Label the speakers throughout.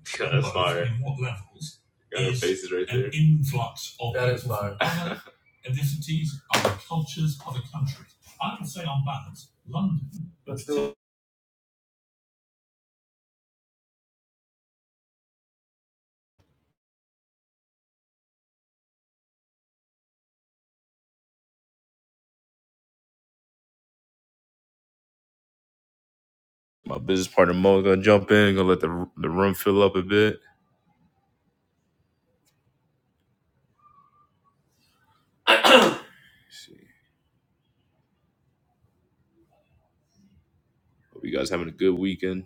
Speaker 1: God, that's fire. faces right there. My business partner Mo gonna jump in, gonna let the the room fill up a bit. Let's see. Hope you guys having a good weekend.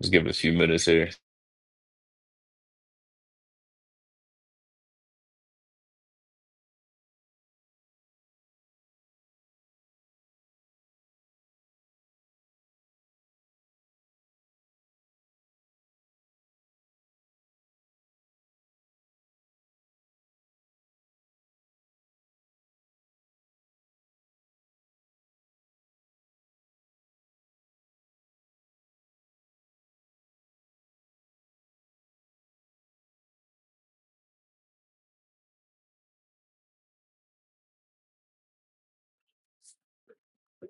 Speaker 1: Let's give it a few minutes here.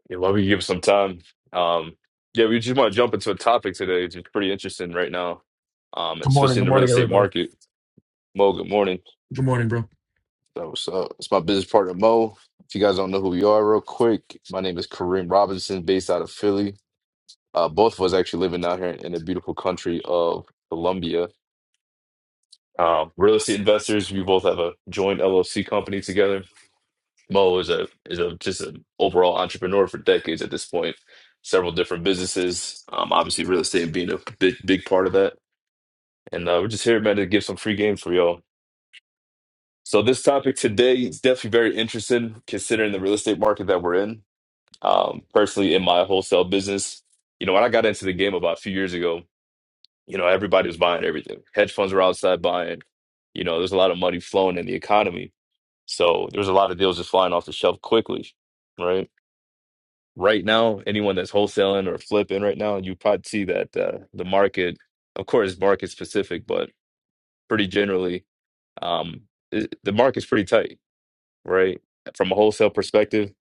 Speaker 1: Yeah, why we give it some time. Um, yeah, we just want to jump into a topic today. It's pretty interesting right now, um,
Speaker 2: Good morning.
Speaker 1: especially in
Speaker 2: Good
Speaker 1: the real
Speaker 2: morning,
Speaker 1: estate
Speaker 2: everybody.
Speaker 1: market. Mo, good morning.
Speaker 2: Good morning, bro.
Speaker 1: So, so it's my business partner Mo. If you guys don't know who we are, real quick, my name is Kareem Robinson, based out of Philly. Uh, both of us actually living out here in, in the beautiful country of Colombia. Um, real estate investors. We both have a joint LLC company together. Mo is a is a just an overall entrepreneur for decades at this point. Several different businesses. Um, obviously real estate being a big big part of that. And uh, we're just here, man, to give some free games for y'all. So this topic today is definitely very interesting, considering the real estate market that we're in. Um, personally, in my wholesale business, you know, when I got into the game about a few years ago, You know, everybody was buying everything. Hedge funds were outside buying. You know, there's a lot of money flowing in the economy. So there's a lot of deals just flying off the shelf quickly, right? Right now, anyone that's wholesaling or flipping right now, you probably see that uh, the market, of course, market specific, but pretty generally, um, it, the market's pretty tight, right? From a wholesale perspective,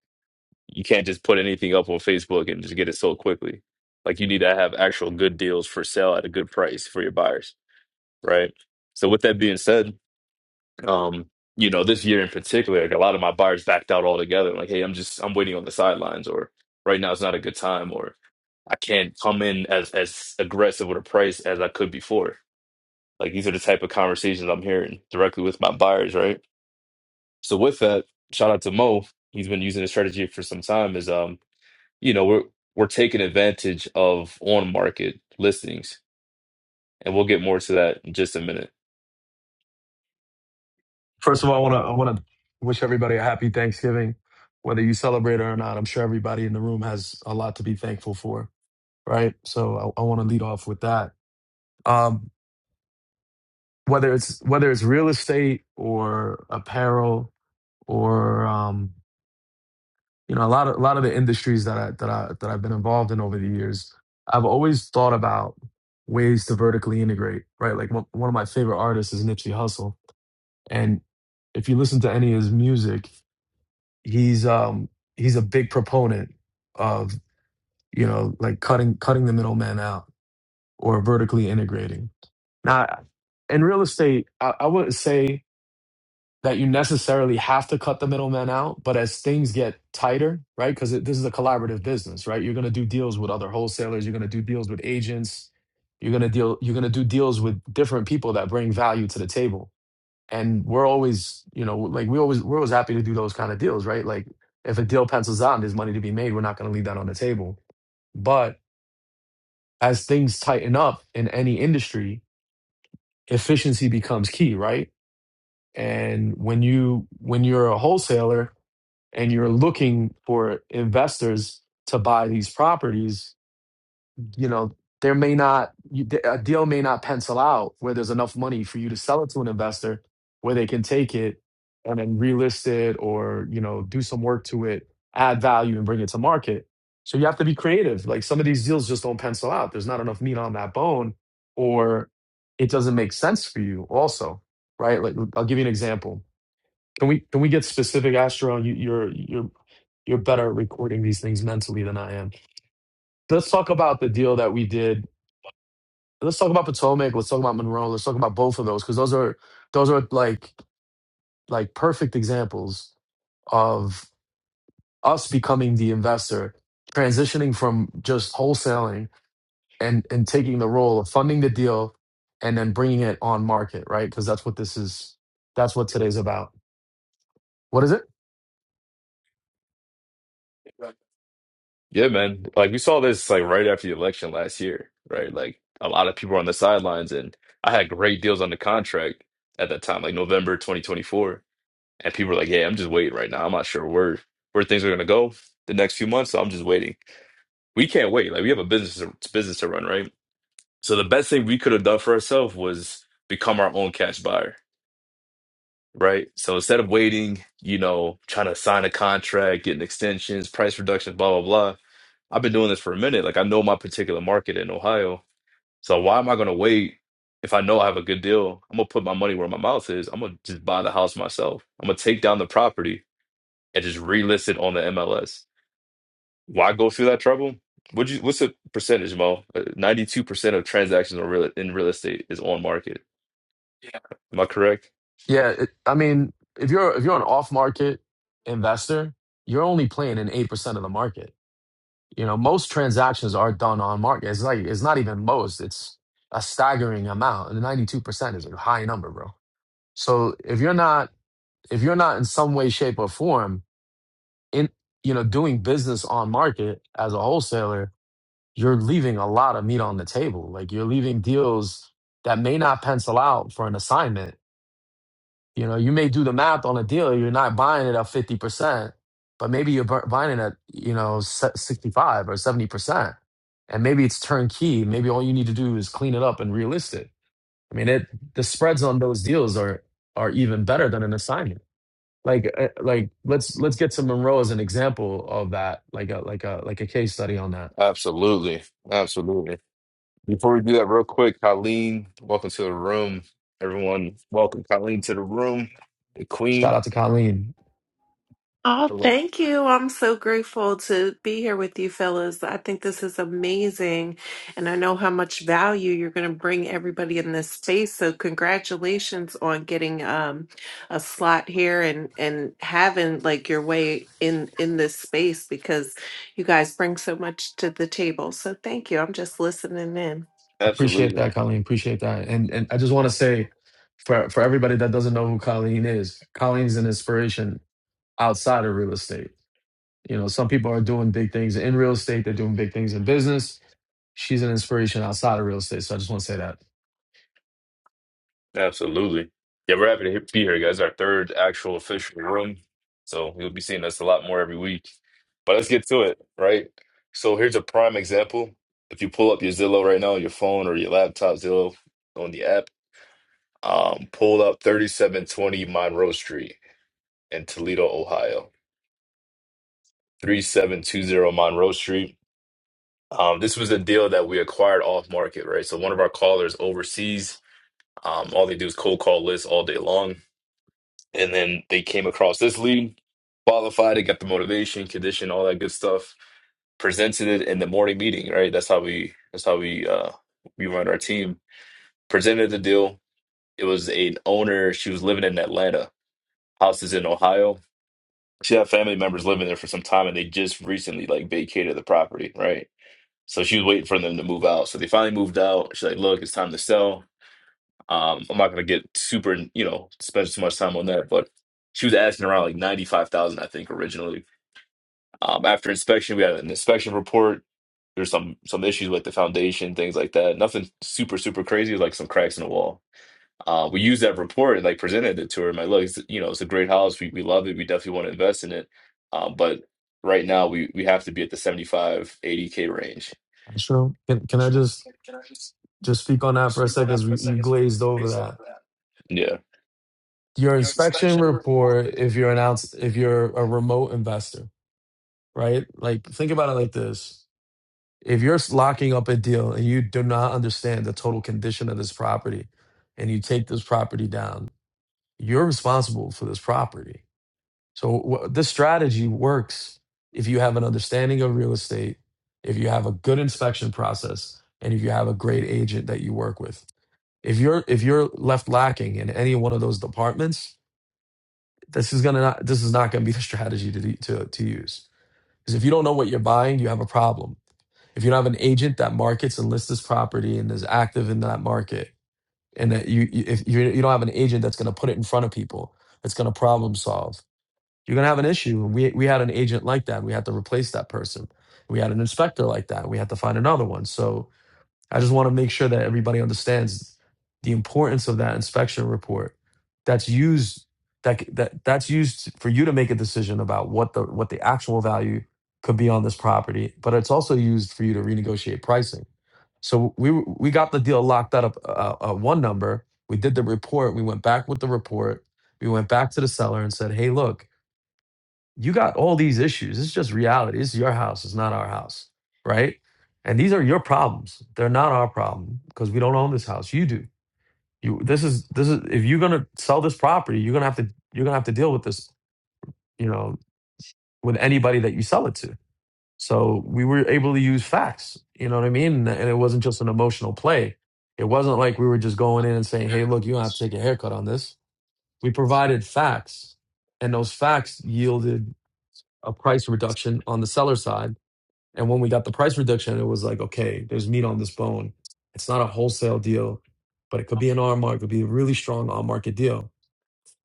Speaker 1: you can't just put anything up on Facebook and just get it sold quickly. Like you need to have actual good deals for sale at a good price for your buyers right? So with that being said, um, you know, this year in particular, like a lot of my buyers backed out altogether. Like, hey, I'm just I'm waiting on the sidelines, or right now it's not a good time, or I can't come in as as aggressive with a price as I could before. Like these are the type of conversations I'm hearing directly with my buyers, right? So with that, shout out to Mo. He's been using this strategy for some time. Is um, you know, we're we're taking advantage of on market listings, and we'll get more to that in just a minute.
Speaker 2: First of all, I want to I want to wish everybody a happy Thanksgiving, whether you celebrate it or not. I'm sure everybody in the room has a lot to be thankful for, right? So I, I want to lead off with that. Um, whether it's whether it's real estate or apparel or um, you know a lot of a lot of the industries that I that I that I've been involved in over the years, I've always thought about ways to vertically integrate. Right, like one, one of my favorite artists is Nipsey Hussle, and if you listen to any of his music, he's um he's a big proponent of you know like cutting cutting the middleman out or vertically integrating. Now, in real estate, I, I wouldn't say that you necessarily have to cut the middleman out. But as things get tighter, right? Because this is a collaborative business, right? You're going to do deals with other wholesalers. You're going to do deals with agents. You're going to deal. You're going to do deals with different people that bring value to the table. And we're always, you know, like we always we're always happy to do those kind of deals, right? Like if a deal pencils out and there's money to be made, we're not going to leave that on the table. But as things tighten up in any industry, efficiency becomes key, right? And when you when you're a wholesaler, and you're looking for investors to buy these properties, you know, there may not you- a deal may not pencil out where there's enough money for you to sell it to an investor where they can take it and then relist it or, you know, do some work to it, add value and bring it to market. So you have to be creative. Like some of these deals just don't pencil out. There's not enough meat on that bone or it doesn't make sense for you also, right? Like I'll give you an example can we can we get specific, Astro? You, you're you're you're better at recording these things mentally than I am. Let's talk about the deal that we did. Let's talk about Potomac. Let's talk about Monroe. Let's talk about both of those because those are those are like like perfect examples of us becoming the investor, transitioning from just wholesaling and and taking the role of funding the deal and then bringing it on market, right? Because that's what this is. That's what today's about. What is it?
Speaker 1: Yeah, man. Like we saw this like right after the election last year, right? Like a lot of people were on the sidelines, and I had great deals on the contract at that time, like November 2024. And people were like, "Yeah, I'm just waiting right now. I'm not sure where where things are gonna go the next few months, so I'm just waiting." We can't wait. Like we have a business to, business to run, right? So the best thing we could have done for ourselves was become our own cash buyer right? So instead of waiting, you know, trying to sign a contract, getting extensions, price reductions, blah, blah, blah. I've been doing this for a minute. Like I know my particular market in Ohio. So why am I gonna wait if I know I have a good deal? I'm gonna put my money where my mouth is. I'm gonna just buy the house myself. I'm gonna take down the property and just relist it on the MLS. Why go through that trouble? Would you, what's the percentage, Mo? Uh, Ninety-two percent of transactions on real, in real estate is on market. Yeah. Am I correct?
Speaker 2: Yeah, it, I mean, if you're if you're an off-market investor, you're only playing in 8% of the market. You know, most transactions are done on market. It's like it's not even most, it's a staggering amount. And 92% is a high number, bro. So if you're not if you're not in some way, shape, or form in you know doing business on market as a wholesaler, you're leaving a lot of meat on the table. Like you're leaving deals that may not pencil out for an assignment You know, you may do the math on a deal. You're not buying it at fifty percent, but maybe you're bu- buying it at you know se- sixty-five or seventy percent, and maybe it's turnkey. Maybe all you need to do is clean it up and relist it. I mean, it the spreads on those deals are are even better than an assignment. Like uh, like let's let's get to Monroe as an example of that, like a like a like a case study on that.
Speaker 1: Absolutely. Absolutely. Before we do that, real quick, Colleen, welcome to the room. Everyone, welcome Colleen to the room. The
Speaker 2: Shout
Speaker 1: Queen.
Speaker 2: out to Colleen.
Speaker 3: Oh,
Speaker 1: Hello.
Speaker 3: thank you. I'm so grateful to be here with you, fellas. I think this is amazing. And I know how much value you're going to bring everybody in this space. So, congratulations on getting um, a slot here and, and having like your way in, in this space because you guys bring so much to the table. So, thank you. I'm just listening in.
Speaker 2: Appreciate
Speaker 1: Absolutely.
Speaker 2: that, Colleen. Appreciate that. And and I just want to say for for everybody that doesn't know who Colleen is, Colleen's an inspiration outside of real estate. You know, some people are doing big things in real estate, they're doing big things in business. She's an inspiration outside of real estate. So I just want to say that.
Speaker 1: Absolutely. Yeah, we're happy to he- be here, guys. Our third actual official room. So you'll be seeing us a lot more every week. But let's get to it, right? So here's a prime example. If you pull up your Zillow right now, your phone or your laptop Zillow on the app, um, pull up 3720 Monroe Street in Toledo, Ohio. 3720 Monroe Street. Um, this was a deal that we acquired off market, right? So one of our callers overseas, um, all they do is cold call lists all day long. And then they came across this lead, qualified it, got the motivation, condition, all that good stuff, presented it in the morning meeting, right? That's how we that's how we uh we run our team. Presented the deal. It was an owner, she was living in Atlanta. House is in Ohio. She had family members living there for some time and they just recently like vacated the property, right? So she was waiting for them to move out. So they finally moved out. She's like, look, it's time to sell. Um, I'm not gonna get super, you know, spend too much time on that, but she was asking around like 95,000, I think, originally. Um, after inspection, we had an inspection report. There's some some issues with the foundation, things like that. Nothing super, super crazy, like some cracks in the wall. Uh, we used that report and like presented it to her. My look, it's, you know, it's a great house. We we love it. We definitely want to invest in it. Um, but right now we we have to be at the seventy five eighty k range.
Speaker 2: Sure. Can can I just just speak on that for a second as we, you glazed over that?
Speaker 1: Yeah.
Speaker 2: Your inspection report if you're announced if you're a remote investor, right? Like think about it like this. if you're locking up a deal and you do not understand the total condition of this property and you take this property down, you're responsible for this property. So wh- this strategy works if you have an understanding of real estate, if you have a good inspection process, and if you have a great agent that you work with. If you're if you're left lacking in any one of those departments, this is gonna not, this is not gonna be the strategy to to to use. Because if you don't know what you're buying, you have a problem if you don't have an agent that markets and lists this property and is active in that market and that you if you, you don't have an agent that's going to put it in front of people that's going to problem solve you're going to have an issue and we, we had an agent like that we had to replace that person we had an inspector like that we had to find another one so I just want to make sure that everybody understands the importance of that inspection report that's used that that that's used for you to make a decision about what the what the actual value could be on this property, but it's also used for you to renegotiate pricing. So we we got the deal locked up uh, uh, one number. We did the report. We went back with the report. We went back to the seller and said, "Hey, look, you got all these issues. It's just reality. It's your house. It's not our house, right? And these are your problems. They're not our problem because we don't own this house. You do. You. This is this is. If you're gonna sell this property, you're gonna have to you're gonna have to deal with this. You know, with anybody that you sell it to. So we were able to use facts. You know what I mean? And it wasn't just an emotional play. It wasn't like we were just going in and saying, "Hey, look, you don't have to take a haircut on this." We provided facts, and those facts yielded a price reduction on the seller side And when we got the price reduction, it was like, okay, there's meat on this bone. It's not a wholesale deal, but it could be an on market, could be a really strong on market deal.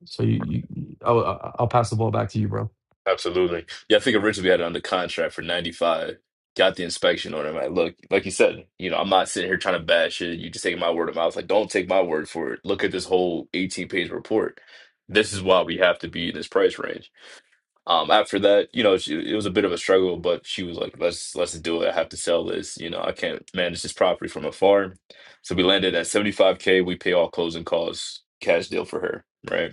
Speaker 2: So you, you you- I'll, I'll I'll pass the ball back to you, bro.
Speaker 1: Absolutely. Yeah, I think originally we had it under contract for 95. Got the inspection on it. Like, look, like you said, you know, I'm not sitting here trying to bash it. You just taking my word of mouth. Like, don't take my word for it. Look at this whole 18 page report. This is why we have to be in this price range. Um, after that, you know, she, it was a bit of a struggle, but she was like, let's let's do it. I have to sell this. You know, I can't manage this property from afar. So we landed at 75K. We pay all closing costs, cash deal for her, right?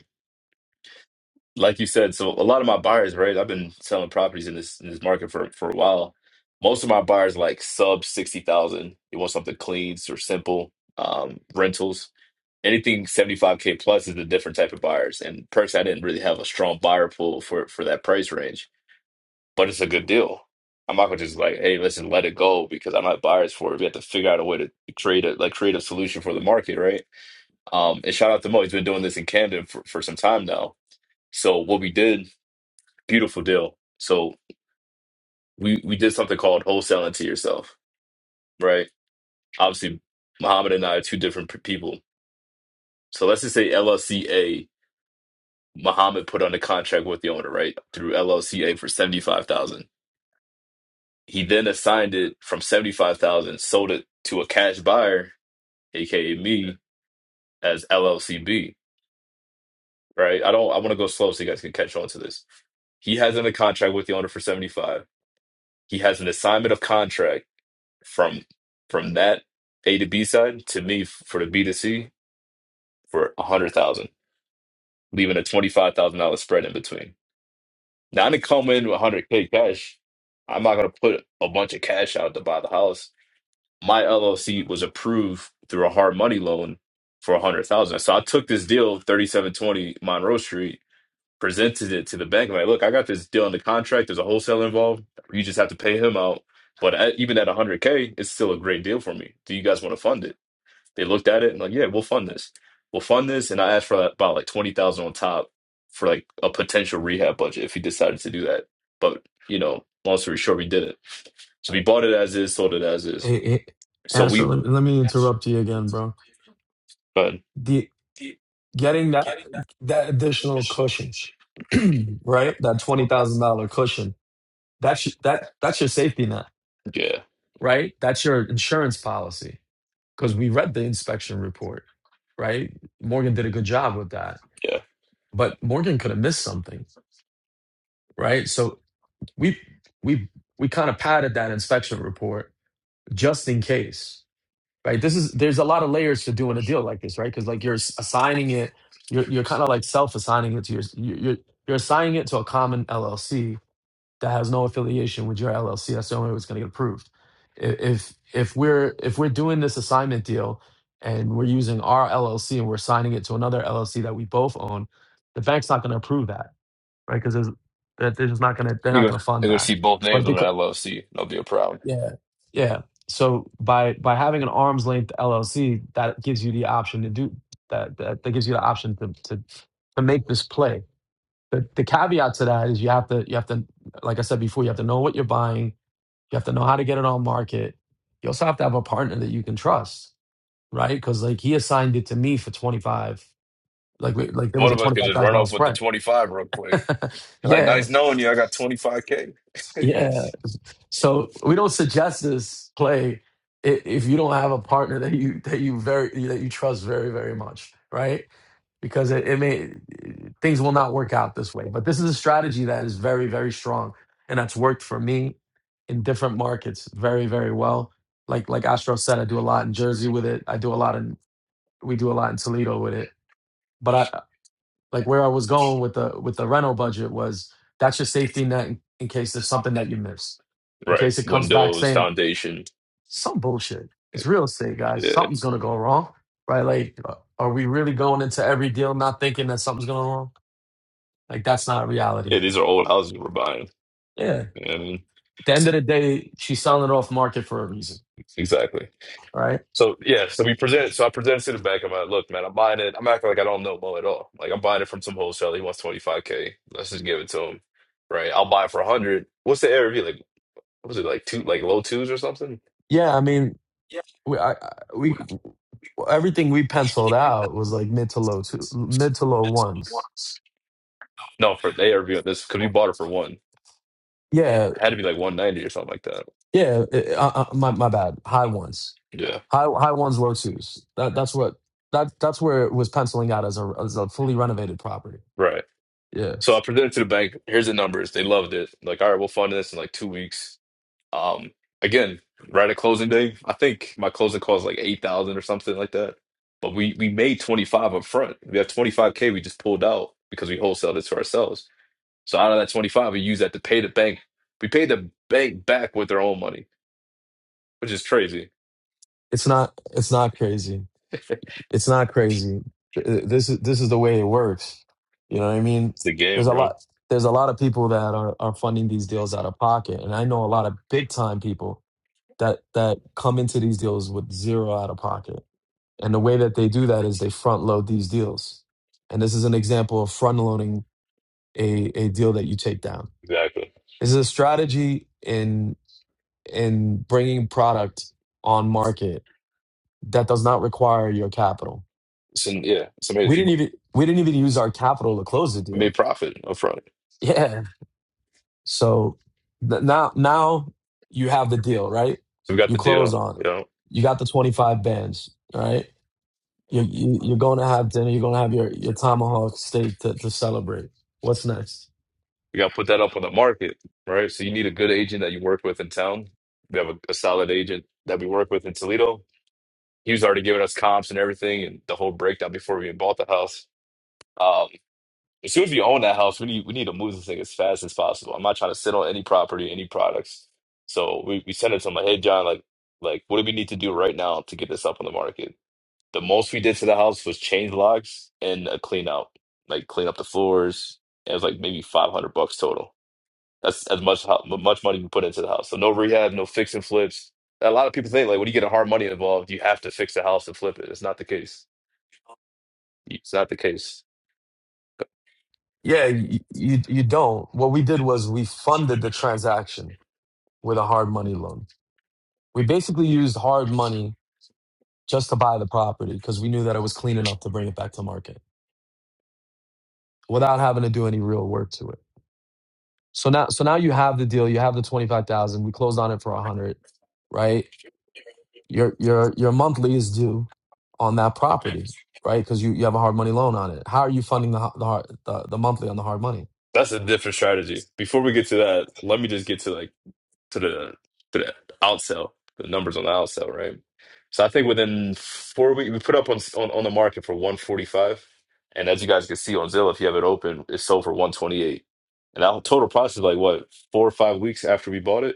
Speaker 1: like you said, so a lot of my buyers, right? I've been selling properties in this in this market for for a while. Most of my buyers like sub sixty thousand. They want something clean or simple um, rentals. Anything seventy five k plus is a different type of buyers. And personally, I didn't really have a strong buyer pool for for that price range, but it's a good deal. I'm not gonna just like, hey, listen, let it go because I'm not buyers for it. We have to figure out a way to create a like create a solution for the market, right? Um, and shout out to Mo, he's been doing this in Camden for, for some time now. So what we did beautiful deal. So we we did something called wholesaling to yourself, right? Obviously, Muhammad and I are two different p- people. So let's just say LLCA. Muhammad put on a contract with the owner, right, through LLCA for seventy five thousand. He then assigned it from seventy five thousand, sold it to a cash buyer, aka me, as LLCB, right? I don't. I want to go slow so you guys can catch on to this. He has in a contract with the owner for seventy five. He has an assignment of contract from from that A to B side to me f- for the B to C for a hundred thousand, leaving a twenty five thousand dollar spread in between. Now I didn't come in with a hundred K cash. I'm not gonna put a bunch of cash out to buy the house. My LLC was approved through a hard money loan for a hundred thousand. So I took this deal, thirty seven twenty Monroe Street, presented it to the bank. I'm like, look, I got this deal in the contract. There's a wholesaler involved. You just have to pay him out. But at, even at 100K, it's still a great deal for me. Do you guys want to fund it? They looked at it and like, yeah, we'll fund this. We'll fund this. And I asked for about like 20,000 on top for like a potential rehab budget if he decided to do that. But, you know, long story short, we did it. So we bought it as is, sold it as is.
Speaker 2: Hey, hey
Speaker 1: So
Speaker 2: Astro,
Speaker 1: we,
Speaker 2: let, let me interrupt you again, bro.
Speaker 1: uh,
Speaker 2: The getting that that additional cushion, right? That twenty thousand dollar cushion. That's that that's your safety net,
Speaker 1: yeah,
Speaker 2: right? That's your insurance policy. because we read the inspection report, right? Morgan did a good job with that,
Speaker 1: yeah.
Speaker 2: but Morgan could have missed something, right? So we we we kind of padded that inspection report just in case, right? This is there's a lot of layers to doing a deal like this, right? Because like you're assigning it, you're you're kind of like self assigning it to your you're you're you're assigning it to a common LLC, that has no affiliation with your LLC. That's the only way it's going to get approved. I- If if we're if we're doing this assignment deal and we're using our LLC and we're signing it to another LLC that we both own, the bank's not going to approve that, right? Because they're they're just not going to they're not
Speaker 1: You're
Speaker 2: going
Speaker 1: gonna,
Speaker 2: to fund
Speaker 1: you're gonna
Speaker 2: that.
Speaker 1: see both
Speaker 2: But
Speaker 1: names on the
Speaker 2: because
Speaker 1: LLC. That'll be a problem.
Speaker 2: yeah yeah, so by by having an arm's length LLC, that gives you the option to do that. That, that gives you the option to to to make this play. The, the caveat to that is you have to you have to like I said before, you have to know what you're buying you have to know how to get it on market. You also have to have a partner that you can trust, right? Because like he assigned it to me for twenty five. Like we- like there was
Speaker 1: One
Speaker 2: a
Speaker 1: of us
Speaker 2: twenty
Speaker 1: could
Speaker 2: five
Speaker 1: just
Speaker 2: thousand
Speaker 1: run
Speaker 2: dollars
Speaker 1: off with the
Speaker 2: spread.
Speaker 1: 25 real quick. Like,
Speaker 2: yeah,
Speaker 1: nice knowing you. I got 25K.
Speaker 2: yeah. So we don't suggest this play i- if you don't have a partner that you that you very that you trust very very much, right? because it, it may things will not work out this way. But this is a strategy that is very, very strong, and that's worked for me in different markets very, very well. Like like Astro said, I do a lot in Jersey with it. I do a lot in we do a lot in Toledo with it. But I like where I was going with the with the rental budget was that's your safety net in, in case there's something that you missed, in
Speaker 1: Right.
Speaker 2: case it comes back
Speaker 1: Windows,
Speaker 2: saying
Speaker 1: foundation.
Speaker 2: some bullshit. It's real estate, guys.
Speaker 1: Yeah.
Speaker 2: Something's gonna go wrong, right? Like, uh, are we really going into every deal not thinking that something's gonna go wrong?
Speaker 1: Like,
Speaker 2: Like that's
Speaker 1: that's not
Speaker 2: not
Speaker 1: reality.
Speaker 2: reality.
Speaker 1: Yeah, these are old houses we're buying.
Speaker 2: Yeah.
Speaker 1: You know what I mean.
Speaker 2: At the end of the day, she's selling it off market for a reason,
Speaker 1: Exactly.
Speaker 2: right?
Speaker 1: So yeah, so we present. So I presented to the bank. I'm like, look, man, I'm buying it. I'm acting like I don't know Mo at all. Like I'm buying it from some wholesaler. He wants 25k. Let's just give it to him, right? I'll buy it for 100. What's the ARV like? What was it like two, like low twos or something?
Speaker 2: Yeah, I mean, we I, I- we everything we penciled out was like mid to low two, mid to low ones.
Speaker 1: No, for the ARV on this because we bought it for one. It
Speaker 2: Yeah,
Speaker 1: had to be like 190 or something like that.
Speaker 2: yeah. it- uh, uh, my my bad. High ones,
Speaker 1: Yeah,
Speaker 2: high high ones, low twos. That that's what that that's where it was penciling out as a as a fully renovated property.
Speaker 1: right.
Speaker 2: Yeah,
Speaker 1: So I presented to the bank. Here's the numbers. They loved it. Like, all right, we'll fund this in like two weeks. Um, again, right at closing day, I think my closing call is like 8,000 or something like that. But we we made 25 up front. We have 25K we just pulled out because we wholesaled it to ourselves. So out of that 25, we used that to pay the bank. We paid the bank back with their own money, which is crazy.
Speaker 2: it's not it's not crazy. it's not crazy. Th- This is this is the way it works. You
Speaker 1: You
Speaker 2: know
Speaker 1: know
Speaker 2: what
Speaker 1: what
Speaker 2: I
Speaker 1: I mean?
Speaker 2: mean?
Speaker 1: It's the
Speaker 2: There's
Speaker 1: game,
Speaker 2: a
Speaker 1: bro.
Speaker 2: lot there's a lot of people that are, are funding these deals out of pocket. And I know a lot of big time people that that come into these deals with zero out of pocket. And the way that they do that is they front load these deals. And this is an example of front loading a, a deal that you take down.
Speaker 1: Exactly.
Speaker 2: This is a strategy in in bringing product on market that does not require your capital
Speaker 1: So yeah, it's
Speaker 2: we
Speaker 1: amazing.
Speaker 2: didn't even we didn't even use our capital to close the
Speaker 1: We
Speaker 2: deal.
Speaker 1: made profit up front.
Speaker 2: Yeah. So th- now now you have the deal, right?
Speaker 1: We got
Speaker 2: You
Speaker 1: the
Speaker 2: close
Speaker 1: deal,
Speaker 2: on.
Speaker 1: you know.
Speaker 2: You got the 25 bands, right? You, you you're going to have dinner. You're going to have your your tomahawk steak to to celebrate. What's next?
Speaker 1: You gotta put that up on the market, right? So you need a good agent that you work with in town. We have a, a solid agent that we work with in Toledo. He was already giving us comps and everything and the whole breakdown before we even bought the house. Um, as soon as we own that house, we need we need to move this thing as fast as possible. I'm not trying to sit on any property, any products. So we, we sent it to him like, hey John, like like what do we need to do right now to get this up on the market? The most we did to the house was change locks and a clean out, like clean up the floors. It was like maybe 500 bucks total that's as much how much money we put into the house. So no rehab, no fix and flips. A lot of people think like when you get a hard money involved, you have to fix the house and flip it. It's not the case. It's not the case.
Speaker 2: Yeah, you, you you don't. What we did was we funded the transaction with a hard money loan. We basically used hard money just to buy the property because we knew that it was clean enough to bring it back to market without having to do any real work to it. So now, so now you have the deal. You have the twenty five thousand. We closed on it for a hundred, right? Your your your monthly is due on that property, right? Because you, you have a hard money loan on it. How are you funding the ho- the hard, the, the monthly on the hard money?
Speaker 1: That's a different strategy. Before we get to that, let me just get to like to the to the outsell, the numbers on the outsell, right? So I think within four weeks, we put up on on, on the market for 145. And as you guys can see on Zillow, if you have it open, it sold for 128. And our total price is like what, four or five weeks after we bought it?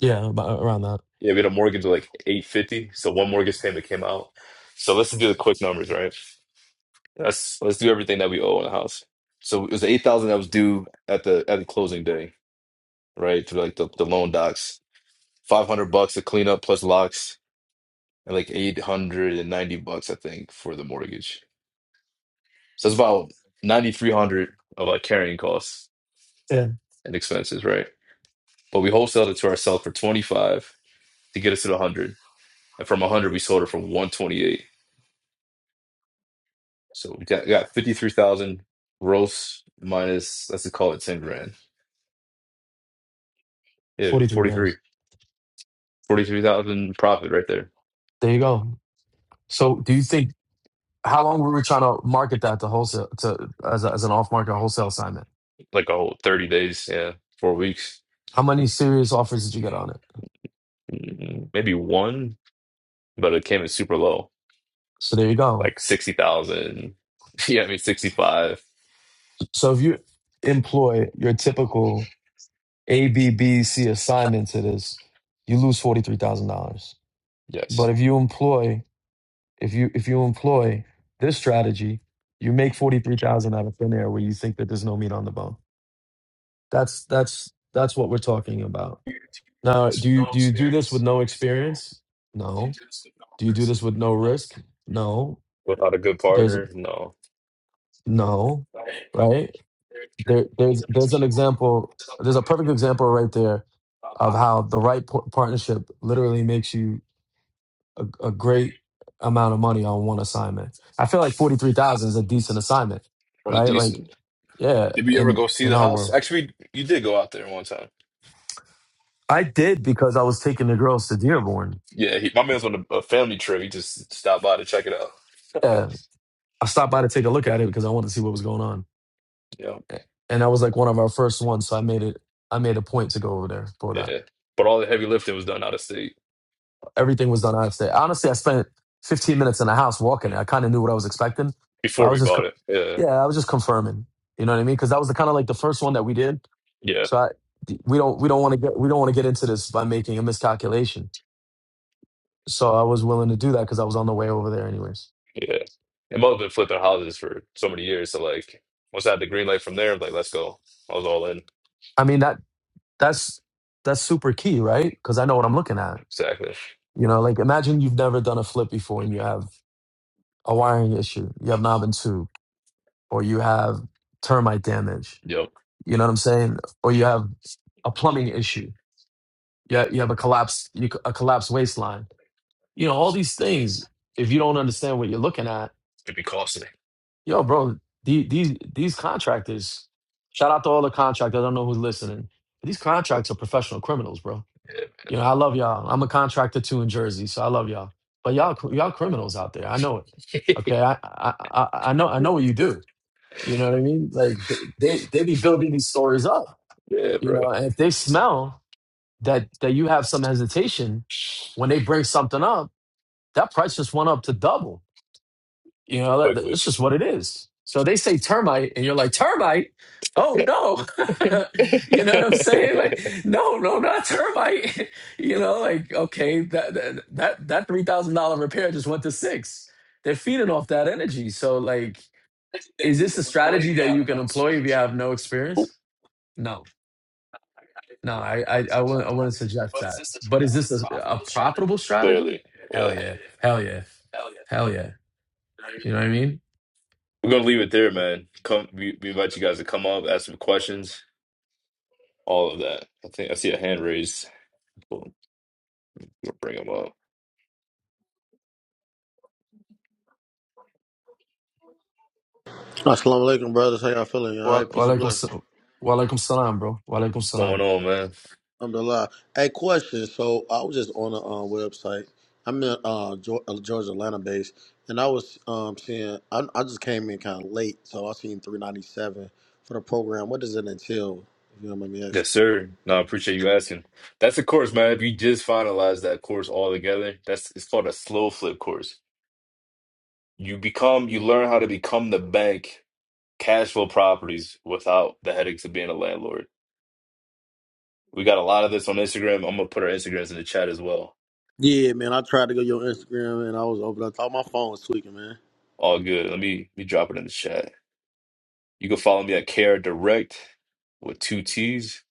Speaker 2: Yeah, about, around that.
Speaker 1: Yeah, we had a mortgage of like 850, so one mortgage payment came out. So let's do the quick numbers, right? Let's let's do everything that we owe on the house. So it was 8,000 that was due at the at the closing day, right? To like the, the loan docs. 500 bucks to clean up plus locks and like 890 bucks I think for the mortgage. So it's about 9300 of like carrying costs
Speaker 2: Yeah,
Speaker 1: and expenses, right? But we wholesaled it to ourselves for 25 to get us to the 100. And from 100 we sold it for 128. So we got, got 53,000 gross minus, let's call it 10 grand. Yeah,
Speaker 2: forty three
Speaker 1: 43.
Speaker 2: grams.
Speaker 1: 43,000 profit right there.
Speaker 2: There you go. So do you think how long were we trying to market that to wholesale to as a, as an off market wholesale assignment?
Speaker 1: Like a whole 30 days, yeah, four weeks,
Speaker 2: How many serious offers did you get on it?
Speaker 1: Mm, maybe one, but it came in super low,
Speaker 2: So there you go.
Speaker 1: like 60,000. Yeah, I mean, 65.
Speaker 2: So if you employ your typical ABBC assignments it is, you lose forty three thousand dollars.
Speaker 1: Yes.
Speaker 2: But if you employ if you if you employ this strategy, you make forty three thousand out of thin air where you think that there's no meat on the bone. That's that's that's what we're talking about. Now, do you do you do this with no experience? No. Do you do this with no risk? No.
Speaker 1: Without a good
Speaker 2: There's
Speaker 1: partner, no.
Speaker 2: no right there. There's there's an example. There's a perfect example right there of how the right par- partnership literally makes you a, a great amount of money on one assignment. I feel like forty three thousand is a decent assignment,
Speaker 1: It was
Speaker 2: right? Like,
Speaker 1: decent.
Speaker 2: yeah,
Speaker 1: Did we ever
Speaker 2: in
Speaker 1: go see
Speaker 2: in
Speaker 1: the
Speaker 2: our
Speaker 1: house?
Speaker 2: world,
Speaker 1: Actually, you did go out there one time.
Speaker 2: I did because I was taking the girls to Dearborn.
Speaker 1: Yeah, he, my man's on a, a family trip. He just stopped by to check it out.
Speaker 2: Yeah, I stopped by to take a look at it because I wanted to see what was going on,
Speaker 1: yeah.
Speaker 2: A- and that was like one of our first ones. So I made it. I made a point to go over there for that.
Speaker 1: Yeah. But all the heavy lifting was done out of state
Speaker 2: Everything was done out of there. Honestly, I spent fifteen minutes in the house walking. I kind of knew what I was expecting, but
Speaker 1: before
Speaker 2: I
Speaker 1: we
Speaker 2: was just,
Speaker 1: bought
Speaker 2: co-
Speaker 1: it. Yeah.
Speaker 2: yeah, I was just confirming. You know what I mean? Because that was the kind of like the first one that we did.
Speaker 1: Yeah.
Speaker 2: So I, we don't we don't want to get we don't want to get into this by making a miscalculation. So I was willing to do that because I was on the way over there anyways.
Speaker 1: Yeah. And mother been flipping houses for so many years. So like once I had the green light from there, I was like, let's go. I was all in.
Speaker 2: I mean that that's that's super key, right? Because I know what I'm looking at.
Speaker 1: Exactly.
Speaker 2: You know, like imagine you've never done a flip before and you have a wiring issue, you have knob and tube, or you have termite damage.
Speaker 1: Yep.
Speaker 2: You know what I'm saying? Or you have a plumbing issue. Yeah, you have a collapsed you a collapsed waistline. You know all these things. If you don't understand what you're looking at
Speaker 1: It'd be costing me.
Speaker 2: Yo, bro, the- these these contractors, shout out to all the contractors. I don't know who's listening. But these contracts are professional criminals, bro. You know, I love y'all. I'm a contractor too in Jersey, so I love y'all. But y'all y'all criminals out there. I know it.
Speaker 1: Yeah.
Speaker 2: Okay. I I I, I know I know what you do. You know what I mean? Like they, they they be building these stories up.
Speaker 1: yeah,
Speaker 2: You
Speaker 1: bro.
Speaker 2: know, and if they smell that that you have some hesitation when they bring something up, that price just went up to double. You know, that- that-
Speaker 1: Quickly.
Speaker 2: it's just what it is. So they say termite, and you're like, termite? Oh, no. you know what I'm saying? Like, no, no, not termite. you know, like, okay, that that that, that $3,000 repair just went to six. They're feeding off that energy. So, like, is this a strategy that you can employ if you have no experience? No. No, I I, I, wouldn't, I wouldn't suggest that. But is this a, a profitable strategy?
Speaker 1: Clearly.
Speaker 2: Hell
Speaker 1: Yeah.
Speaker 2: yeah. Hell yeah. Hell yeah. You know what I mean?
Speaker 1: We're gonna leave it there, man. Come we, we invite you guys to come up, ask some questions, all of that. I think I see a hand raised. Cool. We'll bring them up.
Speaker 4: Assalamu alaikum, brothers. How y'all feeling? All
Speaker 2: Wa-
Speaker 4: right, peace and
Speaker 2: Walaikum
Speaker 4: blessings.
Speaker 2: sa- Walaikum salam, bro. Walaikum
Speaker 1: What's going
Speaker 2: salam.
Speaker 1: on, man?
Speaker 4: Alhamdulillah. Hey, question. So I was just on a uh, website. I'm in uh, Geor- uh, Georgia, Atlanta base, and I was um, seeing. I, I just came in kind of late, so I seen 397 for the program. What does it entail? If you don't mind me asking.
Speaker 1: Yes, sir. No, I appreciate you asking. That's a course, man. If you just finalize that course all together, that's it's called a slow flip course. You become, you learn how to become the bank, cash flow properties without the headaches of being a landlord. We got a lot of this on Instagram. I'm gonna put our Instagrams in the chat as well.
Speaker 4: Yeah, man. I tried to go to your Instagram, and I was open. I thought my phone was tweaking, man.
Speaker 1: All good. Let me let me drop it in the chat. You can follow me at Care Direct with two T's.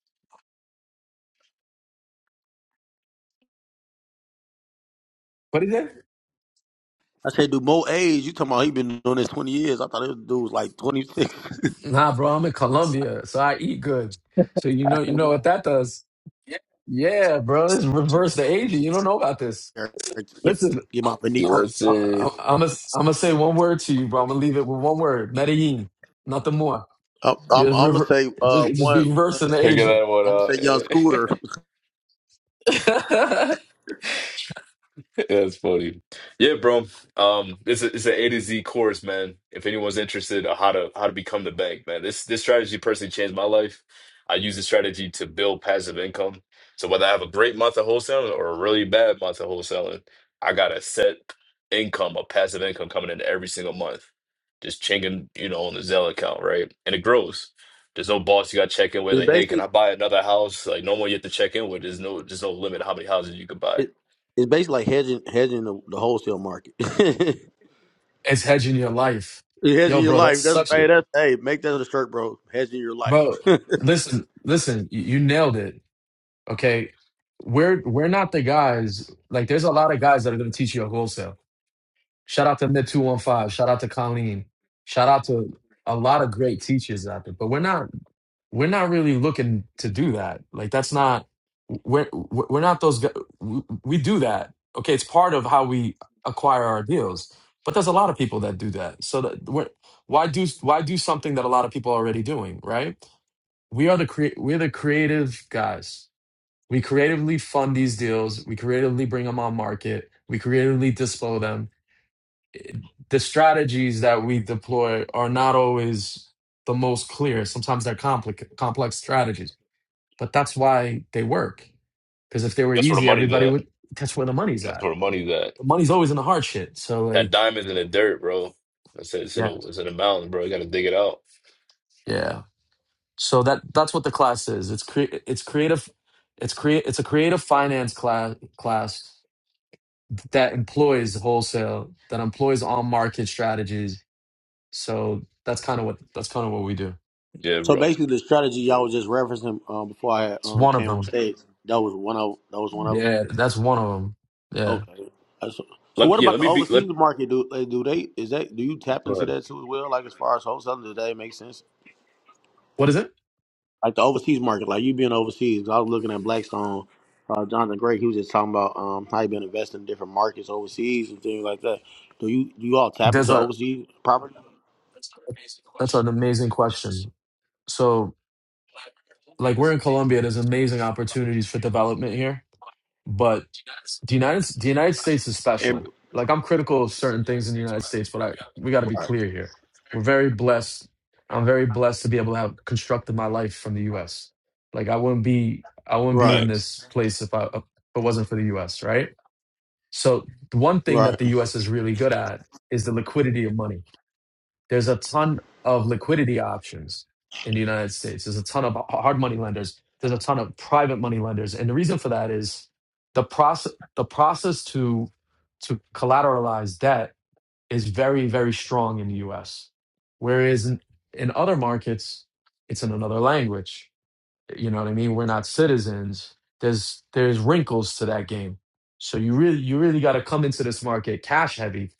Speaker 2: What is that?
Speaker 4: I said, "Do more age? You talking about he been doing this 20 years? I thought this dude was like 26."
Speaker 2: Nah, bro, I'm in Colombia, so I eat good. So you know, you know what that does? Yeah, bro, it's reverse the aging. You don't know about this. Listen,
Speaker 4: Get my
Speaker 2: I'm,
Speaker 4: veneer.
Speaker 1: Yes,
Speaker 2: I'm,
Speaker 1: sir.
Speaker 2: I'm gonna I'm gonna say one word to you, bro. I'm gonna leave it with one word: Medellin, nothing more.
Speaker 4: I'm,
Speaker 2: You
Speaker 4: I'm,
Speaker 2: just
Speaker 4: I'm gonna
Speaker 2: rever,
Speaker 4: say uh
Speaker 2: just, just
Speaker 4: one
Speaker 2: be
Speaker 4: one
Speaker 2: reversing the
Speaker 4: name.
Speaker 1: Figure
Speaker 2: aging.
Speaker 1: that
Speaker 4: I'm gonna say Young
Speaker 1: one out.
Speaker 4: Scooter.
Speaker 1: That's funny. Yeah, bro. Um, it's a, it's an A to Z course, man. If anyone's interested on how to how to become the bank, man, this this strategy personally changed my life. I use this strategy to build passive income. So whether I have a great month of wholesaling or a really bad month of wholesaling, I got a set income, a passive income coming in every single month. Just chinging, you know, on the Zelle account, right? And it grows. There's no boss you got to check in with,
Speaker 4: It's
Speaker 1: like, hey, can I
Speaker 4: basically
Speaker 1: buy another house? Like, no one you have to check in with. There's no, there's no limit how many houses you could buy.
Speaker 4: it, it's basically like hedging hedging the, the wholesale market.
Speaker 2: it's hedging your life,
Speaker 4: You're hedging
Speaker 2: yo,
Speaker 4: your
Speaker 2: bro. That's
Speaker 4: life. That's
Speaker 2: such
Speaker 4: hey
Speaker 2: a
Speaker 4: that's hey make that a shirt, bro. Hedging your life.
Speaker 2: bro. Listen, listen, you, you nailed it. Okay, we're we're not the guys. Like, there's a lot of guys that are going to teach you a wholesale. Shout out to Mid Two One Five. Shout out to Colleen. Shout out to a lot of great teachers out there. But we're not we're not really looking to do that. Like, that's not we're we're not those. gu- We, we do that. Okay, it's part of how we acquire our deals. But there's a lot of people that do that. So that we're, why do why do something that a lot of people are already doing? Right? We are the crea- we're the creative guys we creatively fund these deals. We creatively bring them on market. We creatively display them. The strategies that we deploy are not always the most clear. Sometimes they're complex, complex strategies, but that's why they work. Because if they were
Speaker 1: That's where the
Speaker 2: easy,
Speaker 1: money's
Speaker 2: everybody
Speaker 1: at.
Speaker 2: would. That's where the money's
Speaker 1: That's
Speaker 2: at.
Speaker 1: where the money that
Speaker 2: The money's always in the hard shit. So
Speaker 1: That
Speaker 2: like,
Speaker 1: diamond's in the dirt, bro. I said it's in
Speaker 2: yeah,
Speaker 1: the it's in the mountains, bro. You gotta dig it out.
Speaker 2: yeah. So that that's what the class is. It's cre- it's creative. It's create. It's a creative finance class class that employs wholesale, that employs on market strategies So that's kind of what that's kind of what we do.
Speaker 1: Yeah,
Speaker 4: so
Speaker 1: bro.
Speaker 4: basically, the strategy y'all was just referencing um, before I
Speaker 2: It's
Speaker 4: um,
Speaker 2: one of
Speaker 4: came on
Speaker 2: them.
Speaker 4: stage. That was one of that was one of them.
Speaker 2: Yeah, that's one of them. Yeah.
Speaker 4: Okay. That's- So so
Speaker 1: Let
Speaker 4: what
Speaker 1: yeah,
Speaker 4: about
Speaker 1: let
Speaker 4: the
Speaker 1: me be let
Speaker 4: overseas market? Do uh, do they is that do you tap
Speaker 1: go
Speaker 4: into
Speaker 1: ahead.
Speaker 4: that too as well? Like as far as wholesaling, does that make sense?
Speaker 2: What is it?
Speaker 4: like the overseas market, like you being overseas. 'cause I was looking at Blackstone, uh, Jonathan Gray. He was just talking about um, how he been investing in different markets overseas and things like that. Do you do you all tap
Speaker 2: There's
Speaker 4: into
Speaker 2: a
Speaker 4: overseas property?
Speaker 2: that's an amazing question. So like we're in Colombia, there's amazing opportunities for development here, but the United the United States is
Speaker 4: And-
Speaker 2: special. Like I'm critical of certain things in the United States, but I we got to be
Speaker 4: Right,
Speaker 2: clear here. We're very blessed. I'm very blessed to be able to have constructed my life from the U.S. Like I wouldn't be I wouldn't be
Speaker 4: right,
Speaker 2: in
Speaker 1: Facts.
Speaker 2: this place if I if it wasn't for the U.S. Right? So the one thing
Speaker 4: right.
Speaker 2: that the US is really good at is the liquidity of money. There's a ton of liquidity options in the United States. There's a ton of hard money lenders. There's a ton of private money lenders. And the reason for that is the process the process to to collateralize debt is very, very strong in the US. Whereas in, in other markets, it's in another language. You know what I mean? We're not citizens. There's there's wrinkles to that game. So you really you really got to come into this market cash heavy.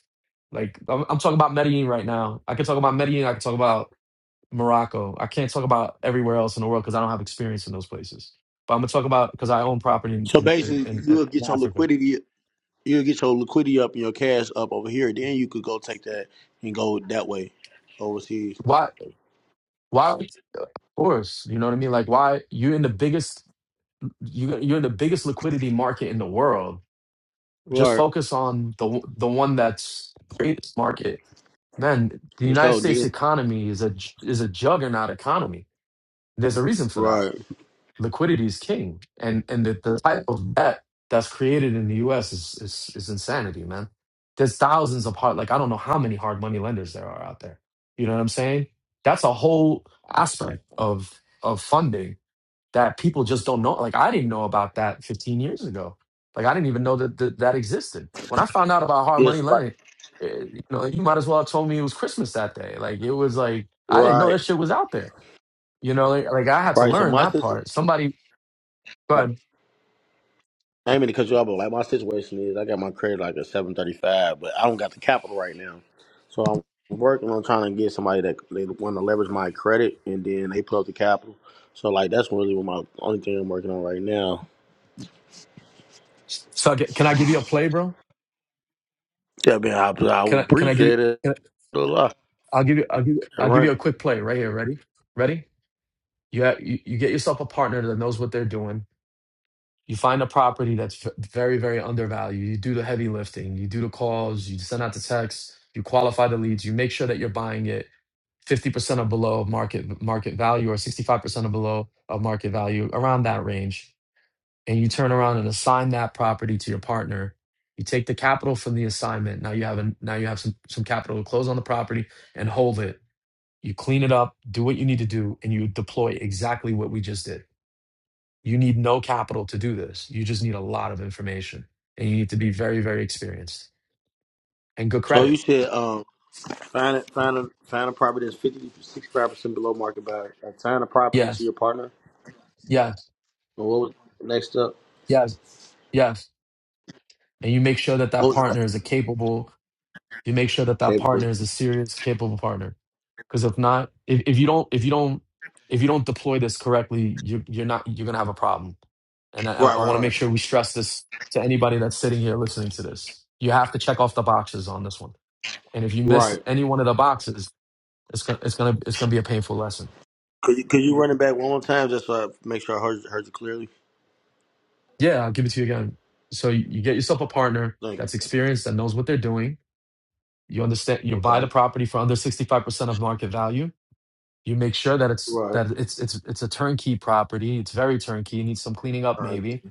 Speaker 2: Like I'm, I'm talking about Medellin right now. I can talk about Medellin. I can talk about Morocco. I can't talk about everywhere else in the world because I don't have experience in those places. But I'm gonna talk about because I own property in
Speaker 4: So
Speaker 2: in, in,
Speaker 4: basically,
Speaker 2: in
Speaker 4: you'll
Speaker 2: in
Speaker 4: get your
Speaker 2: Africa.
Speaker 4: liquidity, you'll get your liquidity up and your cash up over here. Then you could go take that and go that way overseas.
Speaker 2: Why why of course? You know what I mean? Like why you're in the biggest you you're in the biggest liquidity market in the world. Just
Speaker 4: Right,
Speaker 2: focus on the the one that's the greatest market Man, the
Speaker 4: for
Speaker 2: United
Speaker 4: sure.
Speaker 2: States
Speaker 4: Then
Speaker 2: economy is a j- is a juggernaut economy. There's a reason for that.
Speaker 4: right,
Speaker 2: Liquidity is king, and and the, the type of debt that's created in the U.S. is is, is insanity, man. There's thousands of hard, like I don't know how many hard money lenders there are out there. You know what I'm saying? That's a whole aspect of of funding that people just don't know. Like I didn't know about that 15 years ago. Like I didn't even know that that, that existed. When I found out about hard money
Speaker 4: yes, like
Speaker 2: lending, eh, you know, you might as well have told me it was Christmas that day. Like it was like I didn't know that
Speaker 4: right,
Speaker 2: shit was out there. You know, like, like I had to
Speaker 4: right. So
Speaker 2: learn
Speaker 4: my
Speaker 2: that
Speaker 4: sister.
Speaker 2: part. Somebody, but
Speaker 4: I ain't mean to cut you off, but like my situation is, I got my credit like a seven thirty five, but I don't got the capital right now, so I'm working on trying to get somebody that they want to leverage my credit, and then they put up the capital. So like that's really what my only thing I'm working on right now.
Speaker 2: so g- can I give you a play, bro?
Speaker 4: Yeah, man, I, I
Speaker 2: Can
Speaker 4: would
Speaker 2: I? Can I give you?
Speaker 4: appreciate it
Speaker 2: Can
Speaker 4: a lot.
Speaker 2: I, I'll give you. I'll give. you-
Speaker 4: All
Speaker 2: I'll
Speaker 4: right.
Speaker 2: give you a quick play right here. Ready? Ready? You, have, you you get yourself a partner that knows what they're doing You find a property that's f- very, very undervalued. You do the heavy lifting. You do the calls. You send out the texts. You qualify the leads. You make sure that you're buying it 50% or below market market value or 65% or below of market value, around that range. And you turn around and assign that property to your partner. You take the capital from the assignment. Now you have an now you have some some capital to close on the property and hold it. You clean it up, do what you need to do, and you deploy exactly what we just did. You need no capital to do this. You just need a lot of information and you need to be very, very experienced and good
Speaker 4: So you
Speaker 2: credit.
Speaker 4: said um, find it, find a find a property that's fifty to sixty five percent below market value. Assign a property to
Speaker 2: Yes,
Speaker 4: your partner.
Speaker 2: yes,
Speaker 4: And what was next up?
Speaker 2: yes, yes. And you make sure that
Speaker 4: What
Speaker 2: that
Speaker 4: was the
Speaker 2: partner
Speaker 4: next?
Speaker 2: is a capable, you make sure that that
Speaker 4: capable?
Speaker 2: partner is a serious, capable partner. Because if not, if, if you don't, if you don't, if you don't deploy this correctly, you, you're not, you're going to have a problem. And I,
Speaker 4: Right,
Speaker 2: I want to
Speaker 4: right,
Speaker 2: make
Speaker 4: right,
Speaker 2: sure we stress this to anybody that's sitting here listening to this. You have to check off the boxes on this one. And if you miss
Speaker 4: right.
Speaker 2: any one of the boxes, it's, gonna, it's gonna it's gonna be a painful lesson.
Speaker 4: Could you, could you run it back one more time just so I make sure I heard, heard you clearly?
Speaker 2: Yeah, I'll give it to you again. So you, you get yourself a partner
Speaker 4: Thank
Speaker 2: that's experienced that knows what they're doing. You understand. You
Speaker 4: you.
Speaker 2: buy the
Speaker 4: Okay.
Speaker 2: property for under sixty five percent of market value. You make sure that it's
Speaker 4: Right.
Speaker 2: that it's it's it's a turnkey property. It's very turnkey. It needs some cleaning up,
Speaker 4: All right.
Speaker 2: maybe.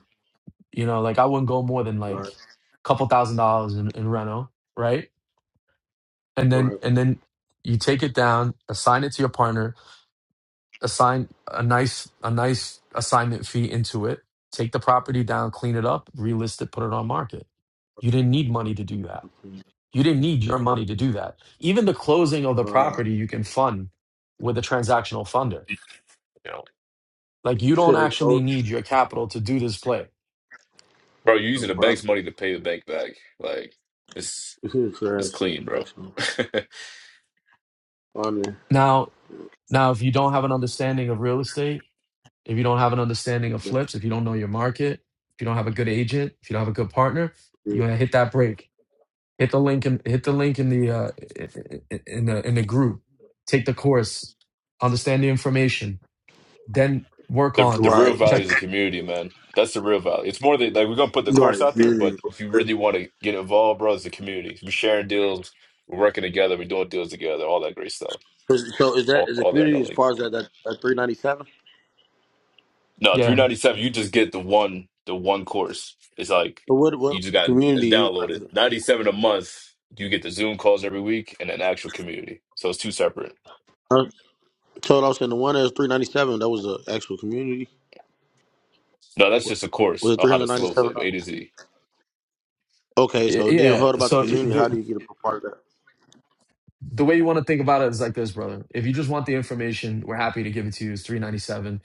Speaker 2: You know, like I wouldn't go more than like
Speaker 4: Right.
Speaker 2: a couple thousand dollars in, in reno, right? And then
Speaker 4: Right.
Speaker 2: and then you take it down, assign it to your partner, assign a nice a nice assignment fee into it, take the property down, clean it up, relist it, put it on market. You didn't need money to do that. You didn't need your money to do that. Even the closing of the
Speaker 4: All right.
Speaker 2: property you can fund with a transactional funder.
Speaker 1: You know.
Speaker 2: Like you
Speaker 4: You
Speaker 2: don't
Speaker 4: said they
Speaker 2: actually
Speaker 4: closed
Speaker 2: need your capital to do this play.
Speaker 1: Bro, you're
Speaker 4: the
Speaker 1: using the bank's
Speaker 4: property.
Speaker 1: money to pay the bank back. Like it's
Speaker 4: This is
Speaker 1: it's
Speaker 4: trash.
Speaker 1: clean, bro.
Speaker 4: Excellent.
Speaker 1: the
Speaker 4: On there.
Speaker 2: Now, now if you don't have an understanding of real estate, if you don't have an understanding of flips, if you don't know your market, if you don't have a good agent, if you don't have a good partner, you're gonna hit that break Hit the link in hit the link in the uh i- i- in the in the group. Take the course, understand the information, then work
Speaker 1: the
Speaker 2: on
Speaker 4: Right.
Speaker 1: real value
Speaker 2: check.
Speaker 1: is the community, man. That's the real value. It's more that like we're gonna put the course
Speaker 4: Right.
Speaker 1: out there,
Speaker 4: Community.
Speaker 1: but if you really
Speaker 4: Is-
Speaker 1: want to get involved, bro, it's the community. We're sharing deals, we're working together, we're doing deals together, all that great stuff.
Speaker 4: So is that
Speaker 1: All,
Speaker 4: is the
Speaker 1: all there and no
Speaker 4: community as far as that that, that three ninety seven?
Speaker 1: No,
Speaker 2: Yeah,
Speaker 1: 397, you just get the one the one course. It's like
Speaker 4: So what what
Speaker 1: you just
Speaker 4: about the
Speaker 1: got
Speaker 4: community
Speaker 1: it's
Speaker 4: you
Speaker 1: downloaded. 97 a month, you get the Zoom calls every week and an actual community. So it's two separate.
Speaker 4: uh, so I was saying the one that was three ninety seven, that was the actual community?
Speaker 1: No, that's
Speaker 4: What
Speaker 1: just a
Speaker 4: was
Speaker 1: course
Speaker 4: it
Speaker 1: on
Speaker 4: three
Speaker 1: how
Speaker 4: hundred
Speaker 1: to
Speaker 4: ninety
Speaker 1: slow
Speaker 4: seven?
Speaker 1: flip A to Z.
Speaker 4: Okay,
Speaker 2: Y-
Speaker 4: so then
Speaker 2: yeah.
Speaker 4: what about the
Speaker 2: So it-
Speaker 4: community? How do
Speaker 2: the
Speaker 4: you get a part of that?
Speaker 2: the way you want to think about it is like this, brother. If you just want the information, we're happy to give it to you. It's three ninety seven.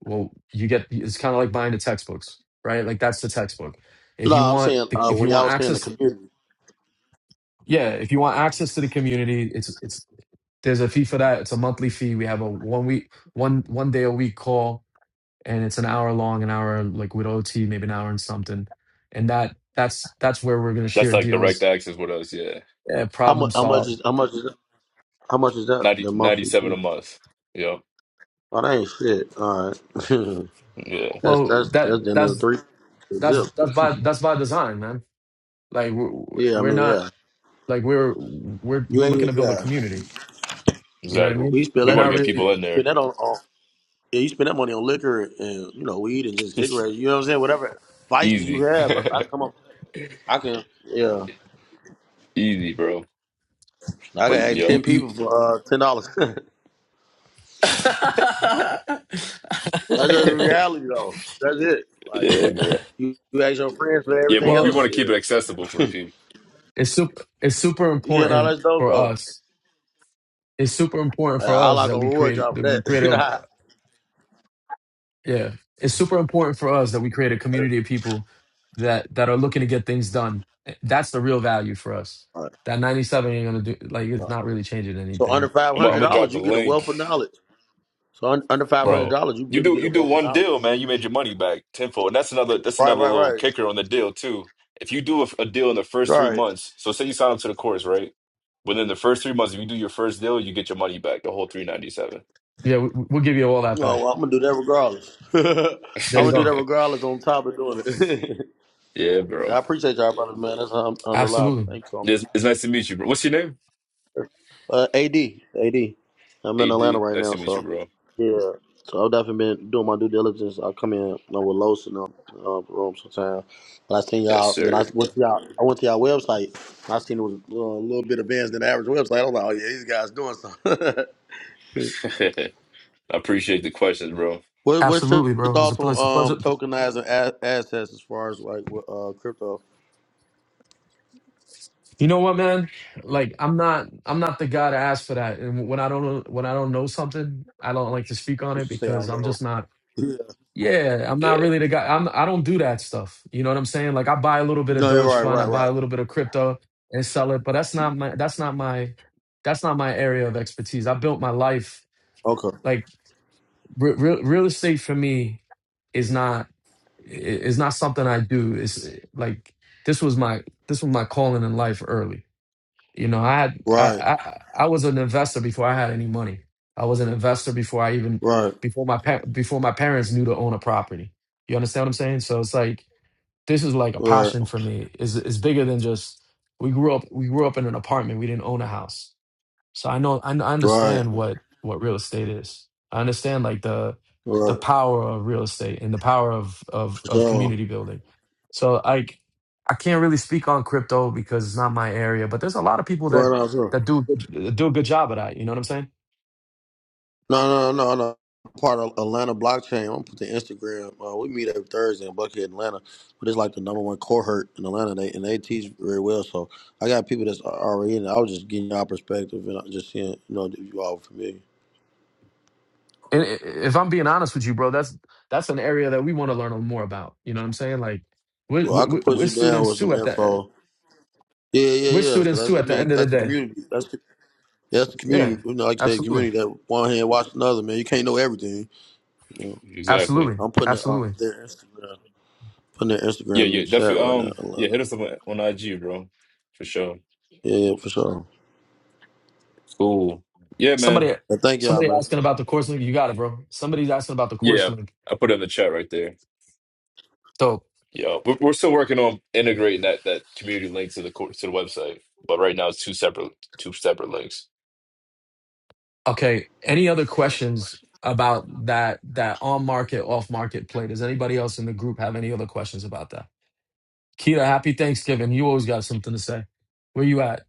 Speaker 2: Well, you get it's kind of like buying the textbooks, right? Like that's the textbook. If
Speaker 4: No,
Speaker 2: you
Speaker 4: I'm
Speaker 2: want
Speaker 4: saying
Speaker 2: the,
Speaker 4: uh,
Speaker 2: if you
Speaker 4: when y'all
Speaker 2: want
Speaker 4: was saying the
Speaker 2: access,
Speaker 4: community,
Speaker 2: yeah. If you want access to the community, it's it's there's a fee for that. It's a monthly fee. We have a one week one one day a week call and it's an hour long, an hour like with OT, maybe an hour and something. And that that's that's where we're gonna
Speaker 1: That's
Speaker 2: share
Speaker 1: like direct
Speaker 2: deals,
Speaker 1: access with us, yeah.
Speaker 2: uh,
Speaker 4: how
Speaker 2: problem
Speaker 4: much? How much
Speaker 2: solve.
Speaker 4: is? How much is? How much is that?
Speaker 1: 90
Speaker 4: The
Speaker 1: ninety
Speaker 4: monthly
Speaker 1: seven a
Speaker 4: fee?
Speaker 1: month. Yep.
Speaker 4: Oh, that ain't shit. All right,
Speaker 1: Yeah,
Speaker 4: that's
Speaker 2: Well,
Speaker 4: that's
Speaker 2: that
Speaker 4: that's then another
Speaker 2: that's
Speaker 4: three zip.
Speaker 2: that's that's by that's by design, man. Like we're,
Speaker 4: Yeah, I
Speaker 2: we're
Speaker 4: mean,
Speaker 2: not
Speaker 4: yeah,
Speaker 2: like we're we're
Speaker 4: you
Speaker 2: we're looking
Speaker 4: ain't.
Speaker 2: to build a
Speaker 4: Yeah,
Speaker 2: community. You know what I
Speaker 1: exactly.
Speaker 4: we
Speaker 2: mean?
Speaker 4: spend
Speaker 1: We
Speaker 2: We're
Speaker 4: that.
Speaker 1: want to
Speaker 4: You,
Speaker 2: not
Speaker 4: can
Speaker 1: get
Speaker 4: spend
Speaker 2: really,
Speaker 1: people
Speaker 4: that-
Speaker 1: in
Speaker 4: you spend
Speaker 1: there.
Speaker 4: that on, on. Yeah, you spend that money on liquor and you know weed and just
Speaker 1: It's
Speaker 4: cigarettes. You know what I'm saying? Whatever vices you
Speaker 1: easy.
Speaker 4: have, I, I come up. I can. Yeah,
Speaker 1: Easy, bro.
Speaker 4: I can
Speaker 2: but
Speaker 4: ask
Speaker 2: y
Speaker 1: Yo.
Speaker 4: ten
Speaker 2: y y-
Speaker 4: people for uh, ten dollars. that's just reality, though. That's it. Like
Speaker 1: Yeah, bro.
Speaker 4: you, you ask your friends for
Speaker 1: Yeah,
Speaker 4: everything
Speaker 1: but
Speaker 2: well,
Speaker 1: we want
Speaker 4: else.
Speaker 1: to
Speaker 4: Yeah.
Speaker 1: keep it accessible for the people.
Speaker 2: it's super it's super
Speaker 4: Yeah, no,
Speaker 2: important
Speaker 4: that's dope
Speaker 2: for
Speaker 4: though.
Speaker 2: us. It's super important
Speaker 4: Uh,
Speaker 2: for
Speaker 4: I
Speaker 2: us
Speaker 4: like
Speaker 2: that
Speaker 4: a
Speaker 2: we
Speaker 4: reward you
Speaker 2: create
Speaker 4: for
Speaker 2: that we
Speaker 4: that.
Speaker 2: create a Yeah, it's super important for us that we create a community of people that that are looking to get things done. Eh, That's the real value for us.
Speaker 4: All right,
Speaker 2: That 97 ain't gonna do like
Speaker 4: all
Speaker 2: it's
Speaker 4: right.
Speaker 2: not really changing
Speaker 4: So under
Speaker 2: anything,
Speaker 4: five
Speaker 1: I'm gonna
Speaker 4: hundred
Speaker 1: I'm
Speaker 2: right?
Speaker 1: gonna drop
Speaker 4: dollars,
Speaker 1: the
Speaker 4: you get a
Speaker 1: link.
Speaker 4: wealth of knowledge. So un- under five
Speaker 2: Yeah,
Speaker 4: hundred
Speaker 1: Bro,
Speaker 4: dollars, you
Speaker 1: you
Speaker 4: really
Speaker 1: do
Speaker 4: get a
Speaker 1: you do
Speaker 4: wealth of
Speaker 1: one deal,
Speaker 4: knowledge.
Speaker 1: man. You made your money back tenfold, and that's another that's
Speaker 4: Right,
Speaker 1: another
Speaker 4: right,
Speaker 1: little
Speaker 4: right,
Speaker 1: kicker on the deal too. If you do a, a deal in the first three
Speaker 4: right.
Speaker 1: months, so say you sign up to the course, right? Within the first three months, if you do your first deal, you get your money back, the whole three ninety seven.
Speaker 2: yeah, we, we'll give you all that
Speaker 4: No,
Speaker 2: back.
Speaker 4: well, I'm gonna do that regardless. I'm
Speaker 2: There you
Speaker 4: gonna do
Speaker 2: go.
Speaker 4: that regardless. On top of doing it,
Speaker 1: Yeah, bro.
Speaker 4: I appreciate y'all, brothers, man. That's un- unreliable.
Speaker 2: Absolutely,
Speaker 4: Thanks so much.
Speaker 1: It's, it's nice to meet you, bro. What's your name?
Speaker 4: Uh, Ad, Ad, I'm in Atlanta
Speaker 1: AD.
Speaker 4: right
Speaker 1: Nice
Speaker 4: now,
Speaker 1: to meet
Speaker 4: so
Speaker 1: you, bro.
Speaker 4: Yeah. So I've definitely been doing my due diligence. I come in you know, with Los in the uh, room sometime. But I seen
Speaker 1: Yes,
Speaker 4: y'all, and then I
Speaker 1: sir.
Speaker 4: went to y'all. I went to y'all website. And I seen it was uh, a little bit advanced than the average website. I was like, oh yeah, these guys doing something.
Speaker 1: I appreciate the questions, bro.
Speaker 4: what, what's your
Speaker 2: absolutely, bro. It was a,
Speaker 4: thoughts
Speaker 2: pl- it's a
Speaker 4: on
Speaker 2: pleasure.
Speaker 4: um, tokenizing a- assets as far as like with, uh, crypto?
Speaker 2: You know what, man? Like I'm not I'm not the guy to ask for that. And when I don't know when I don't know something, I don't like to speak on
Speaker 4: You
Speaker 2: it
Speaker 4: should say I
Speaker 2: because
Speaker 4: don't
Speaker 2: I'm
Speaker 4: know.
Speaker 2: just not.
Speaker 4: Yeah.
Speaker 2: Yeah, I'm not
Speaker 1: Yeah,
Speaker 2: really the guy. I'm I don't do that stuff. You know what I'm saying? Like I buy a little bit of
Speaker 4: No, you're right,
Speaker 2: Dogecoin, I
Speaker 4: right,
Speaker 2: buy
Speaker 4: right.
Speaker 2: a little bit of crypto and sell it, but that's not my that's not my that's not my area of expertise. I built my life
Speaker 4: Okay.
Speaker 2: like re real real estate for me is not i- is not something I do. It's like this was my this was my calling in life early. You know, I had I,
Speaker 4: Right,
Speaker 2: I I was an investor before I had any money. I was an investor before I even
Speaker 4: right,
Speaker 2: before my pa- before my parents knew to own a property. You understand what I'm saying? So it's like this is like a
Speaker 4: right,
Speaker 2: passion for me. Is it's it's bigger than just we grew up we grew up in an apartment. We didn't own a house. So I know I, I
Speaker 4: right,
Speaker 2: understand what what real estate is. I understand like the the
Speaker 4: right.
Speaker 2: power of real estate and the power of of of
Speaker 4: So,
Speaker 2: community building. So like I can't really speak on crypto because it's not my area, but there's a lot of people that
Speaker 4: right on, sir.
Speaker 2: that do a good uh, do a good job at that. You know what I'm saying?
Speaker 4: No, no, no, no. no. I'm Part of Atlanta blockchain. I'm put the Instagram. Uh, we meet every Thursday in Buckhead, Atlanta. But it's like the number one cohort in Atlanta. They and they teach very well. So I got people that's already in. it. I was just getting y'all perspective and I'm just seeing, you know, if you all familiar.
Speaker 2: and i- if I'm being honest with you, bro, that's that's an area that we want to learn more about. You know what I'm saying? Like we're,
Speaker 4: Well, I could
Speaker 2: we're,
Speaker 4: put
Speaker 2: we're
Speaker 4: you down
Speaker 2: students
Speaker 4: with
Speaker 2: too
Speaker 4: some
Speaker 2: at the
Speaker 4: info. Yeah, yeah,
Speaker 2: we're
Speaker 4: yeah. So
Speaker 2: students
Speaker 4: that's
Speaker 2: too
Speaker 4: I
Speaker 2: at the
Speaker 4: mean
Speaker 2: end of the
Speaker 4: that's the
Speaker 2: day.
Speaker 4: community. That's the, that's the
Speaker 2: Yeah,
Speaker 4: community. You know, like I say,
Speaker 2: absolutely,
Speaker 4: community that one hand watch another. Man, you can't know everything. You know,
Speaker 1: exactly.
Speaker 2: absolutely,
Speaker 4: I'm putting it on
Speaker 2: absolutely.
Speaker 4: their Instagram. Putting their Instagram
Speaker 1: Yeah,
Speaker 4: in the
Speaker 1: yeah,
Speaker 4: chat
Speaker 1: definitely.
Speaker 4: right now,
Speaker 1: Um, yeah,
Speaker 4: Atlanta.
Speaker 1: hit us up on on IG, bro, for sure.
Speaker 4: Yeah, yeah, for sure.
Speaker 1: Cool. Yeah, man.
Speaker 2: Somebody
Speaker 4: And thank y'all,
Speaker 2: somebody
Speaker 4: man.
Speaker 2: asking about the course link. You got it, bro. Somebody's asking about the course
Speaker 1: Yeah,
Speaker 2: link.
Speaker 1: I put it in the chat right there.
Speaker 2: So
Speaker 1: Yeah, we're, we're still working on integrating that that community link to the cour- to the website, but right now it's two separate two separate links.
Speaker 2: okay, any other questions about that that on market off market play? Does anybody else in the group have any other questions about that? Keita, happy Thanksgiving. You always got something to say. Where you at?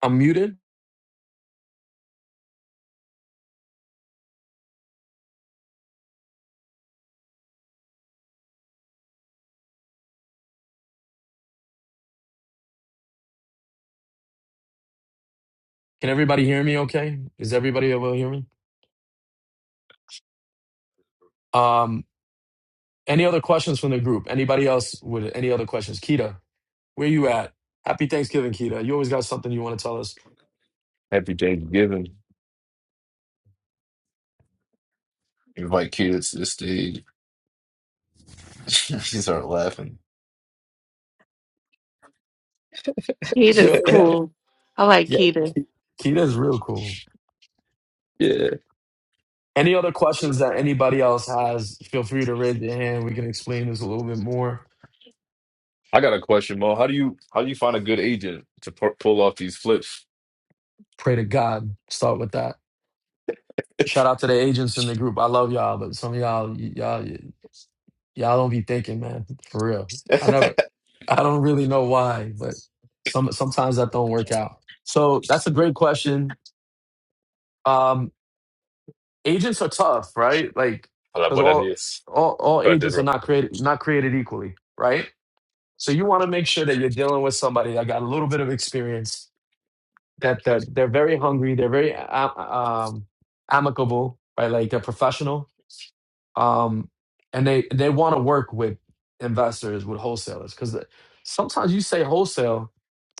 Speaker 2: I'm muted. Can everybody hear me okay? Is everybody able to hear me? Um, any other questions from the group? Anybody else with any other questions? Keita, where you at? Happy Thanksgiving, Keita. You always got something you want to tell us.
Speaker 1: Happy Thanksgiving. Invite kids to the stage. she started laughing.
Speaker 2: She
Speaker 3: Keita's
Speaker 2: always got,
Speaker 3: cool. I like
Speaker 2: yeah,
Speaker 3: Keita.
Speaker 2: Ke- Keita's real cool.
Speaker 1: Yeah,
Speaker 2: Any other questions that anybody else has, feel free to raise your hand. We can explain this a little bit more.
Speaker 1: I got a question, Mo. How do you how do you find a good agent to pu- pull off these flips?
Speaker 2: Pray to God. Start with that. Shout out to the agents in the group. I love y'all, but some of y'all, y- y'all, Y'all don't be thinking, man. For real. I
Speaker 1: I
Speaker 2: never I don't really know why, but some sometimes that don't work out. So that's a great question. Um agents are tough, right? Like
Speaker 1: Hola,
Speaker 2: because
Speaker 1: buenos
Speaker 2: all
Speaker 1: días.
Speaker 2: all all
Speaker 1: Quite a
Speaker 2: agents are
Speaker 1: bit.
Speaker 2: not created not created equally, right? So you want to make sure that you're dealing with somebody that got a little bit of experience, that they're they're very hungry, they're very a- um amicable, right? Like they're professional um, and they they want to work with investors with wholesalers because sometimes you say wholesale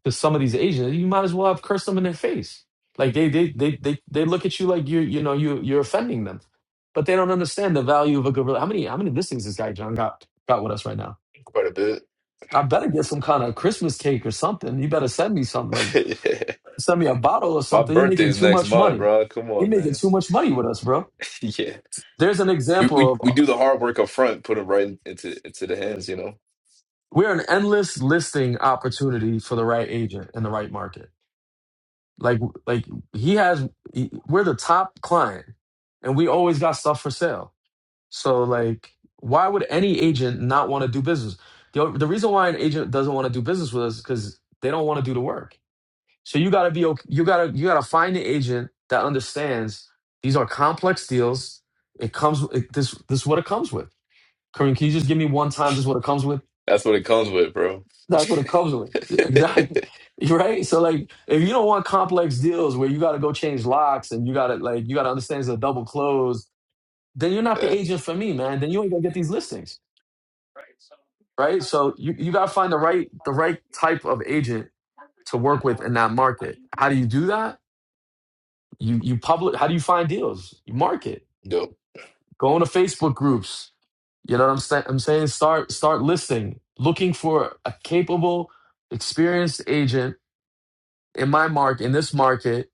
Speaker 2: to some of these Asians, you might as well have cursed them in their face. Like they they they they they look at you like you you know you you're offending them, but they don't understand the value of a good. rela- How many how many listings this guy John got got with us right now?
Speaker 1: Quite a bit.
Speaker 2: I better get some kind of Christmas cake or something. You better send me something like
Speaker 1: yeah.
Speaker 2: send me a bottle or
Speaker 1: My
Speaker 2: something. You're making
Speaker 1: birthday's
Speaker 2: too
Speaker 1: next
Speaker 2: much
Speaker 1: month,
Speaker 2: money.
Speaker 1: bro. Come
Speaker 2: You're
Speaker 1: on,
Speaker 2: making
Speaker 1: man.
Speaker 2: too much money with us, bro.
Speaker 1: yeah.
Speaker 2: There's an
Speaker 1: We, we we
Speaker 2: example
Speaker 1: do the hard work up front, put it right into into the hands, you know.
Speaker 2: we're an endless listing opportunity for the right agent in the right market. Like like he has he- we're the top client and we always got stuff for sale. So like why would any agent not want to do business? The, the reason why an agent doesn't want to do business with us is cuz they don't want to do the work. So you got to be okay, you got to you got to find the agent that understands these are complex deals. It comes it, this this is what it comes with. Kareem, can you just give me one time this is what it comes with?
Speaker 1: That's what it comes with, bro.
Speaker 2: That's what it comes with. Yeah, Exactly. Right? So like if you don't want complex deals where you gotta go change locks and you gotta like you gotta understand it's a double close, then you're not the
Speaker 1: yeah.
Speaker 2: agent for me, man. Then you ain't gonna get these listings. Right? So you, you gotta find the right the right type of agent to work with in that market. How do you do that? You you public how do you find deals? You market.
Speaker 1: dope.
Speaker 2: Go into Facebook groups. You know what I'm saying? I'm saying start start listing, looking for a capable, experienced agent in my mark in this market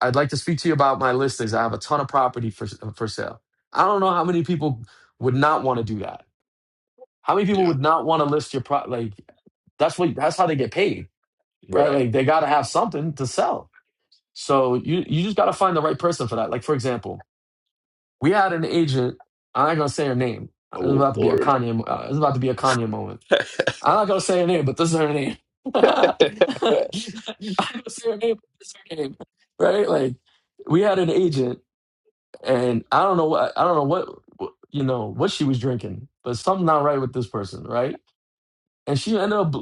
Speaker 2: I'd like to speak to you about my listings. I have a ton of property for for sale. I don't know how many people would not want to do that. How many people
Speaker 1: Yeah.
Speaker 2: would not want to list your pro? Like that's what that's how they get paid, right?
Speaker 1: Right.
Speaker 2: Like they got to have something to sell. So you you just got to find the right person for that. Like for example, we had an agent. I'm not gonna say her name. It's
Speaker 1: Oh
Speaker 2: about to be a
Speaker 1: Lord.
Speaker 2: Kanye. mo- Uh, it's about to be a Kanye moment. I'm not gonna say her name, but this is her name. I'm not gonna say her name. But this is her name, right? Like we had an agent. and I don't know what I don't know what what- you know what she was drinking, but something not right with this person, right? And she ended up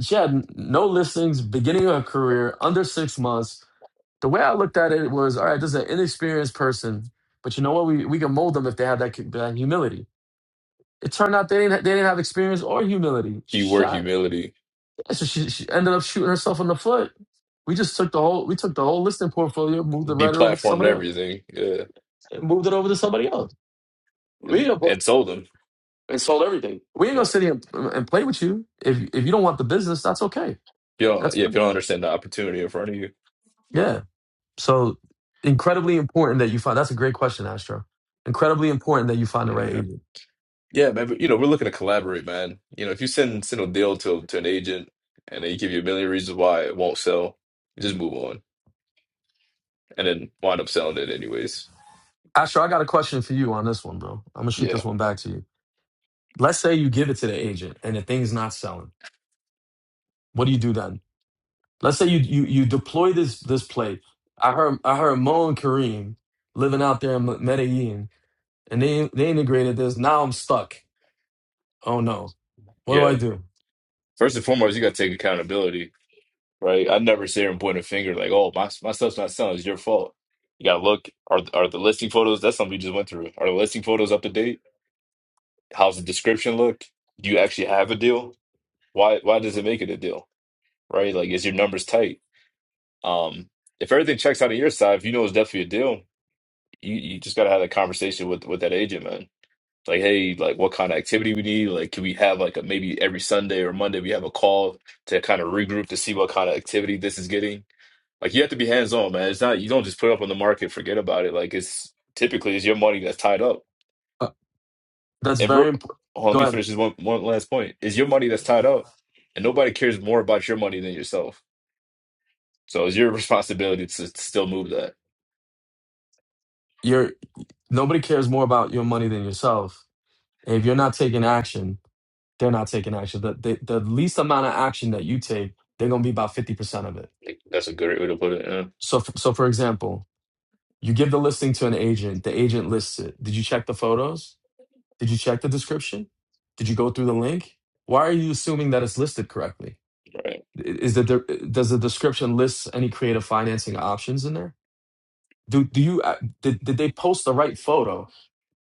Speaker 2: she had no listings, beginning of her career, under six months. The way I looked at it was, all right, this is an inexperienced person, but you know what? We we can mold them if they have that, that humility. It turned out they didn't they didn't have experience or humility.
Speaker 1: Keyword
Speaker 2: Shot,
Speaker 1: humility.
Speaker 2: so she, she ended up shooting herself in the foot. We just took the whole we took the whole listing portfolio, moved the writer over to
Speaker 1: Deplatformed
Speaker 2: somebody else,
Speaker 1: everything. Yeah.
Speaker 2: and moved it over to somebody else.
Speaker 1: And
Speaker 2: We.
Speaker 1: and sold them.
Speaker 2: and sold everything. We ain't
Speaker 1: Yeah.
Speaker 2: gonna
Speaker 1: If
Speaker 2: sit here and, and play with you. If if you don't want the business, that's okay.
Speaker 1: you don't
Speaker 2: That's
Speaker 1: yeah, if
Speaker 2: fine.
Speaker 1: you don't understand the opportunity in front of you.
Speaker 2: yeah. So incredibly important that you find. That's a great question, Astro. Incredibly important that you find the right
Speaker 1: Yeah.
Speaker 2: agent.
Speaker 1: Yeah, man. But, you know, we're looking to collaborate, man. You know, if you send send a deal to to an agent and they give you a million reasons why it won't sell, just move on. And then wind up selling it anyways.
Speaker 2: Astro, I got a question for you on this one, bro. I'm gonna shoot
Speaker 1: Yeah.
Speaker 2: this one back to you. Let's say you give it to the agent and the thing's not selling. What do you do then? Let's say you you you deploy this this play. I heard I heard Mo and Kareem living out there in Medellin, and they they integrated this. Now I'm stuck. Oh no, what do
Speaker 1: Yeah.
Speaker 2: I do?
Speaker 1: First and foremost, you gotta take accountability right? I never sit here and point a finger like, oh, my my stuff's not selling. It's your fault. You gotta look. Are are the listing photos? That's something we just went through. Are the listing photos up to date? How's the description look? Do you actually have a deal? Why why does it make it a deal? Right? Like, is your numbers tight? Um, if everything checks out on your side, if you know it's definitely a deal, you, you just gotta have that conversation with with that agent, man. It's Like, hey, like what kind of activity we need? Like, can we have like a maybe every Sunday or Monday we have a call to kind of regroup to see what kind of activity this is getting? Like you have to be hands on, man. It's not you don't just put it up on the market, forget about it. Like it's typically it's your money that's tied up.
Speaker 2: That's
Speaker 1: And we
Speaker 2: very important.
Speaker 1: hold on, let
Speaker 2: Go
Speaker 1: me
Speaker 2: ahead.
Speaker 1: finish this one one last point. Is your money that's tied up, and nobody cares more about your money than yourself. So it's your responsibility to still move that.
Speaker 2: You're nobody cares more about your money than yourself. And if you're not taking action, they're not taking action. The, the the least amount of action that you take, they're gonna be about fifty percent of it.
Speaker 1: Like, that's a good way to put it.
Speaker 2: So f- so for example, you give the listing to an agent. The agent lists it. Did you check the photos? Did you check the description? Did you go through the link? Why are you assuming that it's listed correctly? I- Is that there, does the description list any creative financing options in there? Do do you uh, did, did they post the right photo?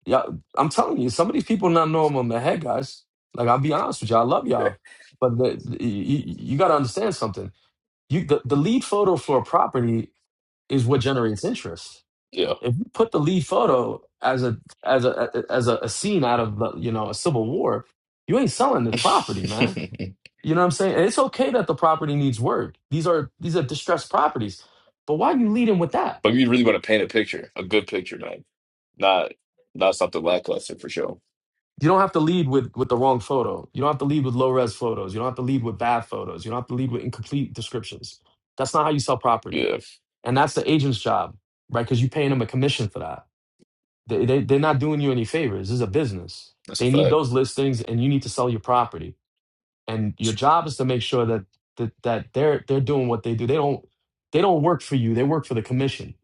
Speaker 2: Yeah, I'm telling you, some of these people not knowing I'm the head guys. Like I'll be honest with you, I love y'all, but the, the- you, you got to understand something. You the, the lead photo for a property is what generates interest.
Speaker 1: Yeah.
Speaker 2: If you put the lead photo as a as a as a, a scene out of the, you know a civil war, you ain't selling the
Speaker 1: Yeah.
Speaker 2: property, man. You know what I'm saying? And it's okay that the property needs work. These are these are distressed properties, but why you leading with that?
Speaker 1: but you really want to paint a picture, a good picture, man. Not not something lackluster for sure.
Speaker 2: you don't have to lead with with the wrong photo. You don't have to lead with low res photos. You don't have to lead with bad photos. You don't have to lead with incomplete descriptions. That's not how you sell property,
Speaker 1: Yeah,
Speaker 2: and that's the agent's job, right? Because you're paying them a commission for that. They, they they're not doing you any favors. This is a business.
Speaker 1: that's a
Speaker 2: They need
Speaker 1: fact.
Speaker 2: those listings, and you need to sell your property. And your job is to make sure that that that they're they're doing what they do. They don't they don't work for you. They work for the commission.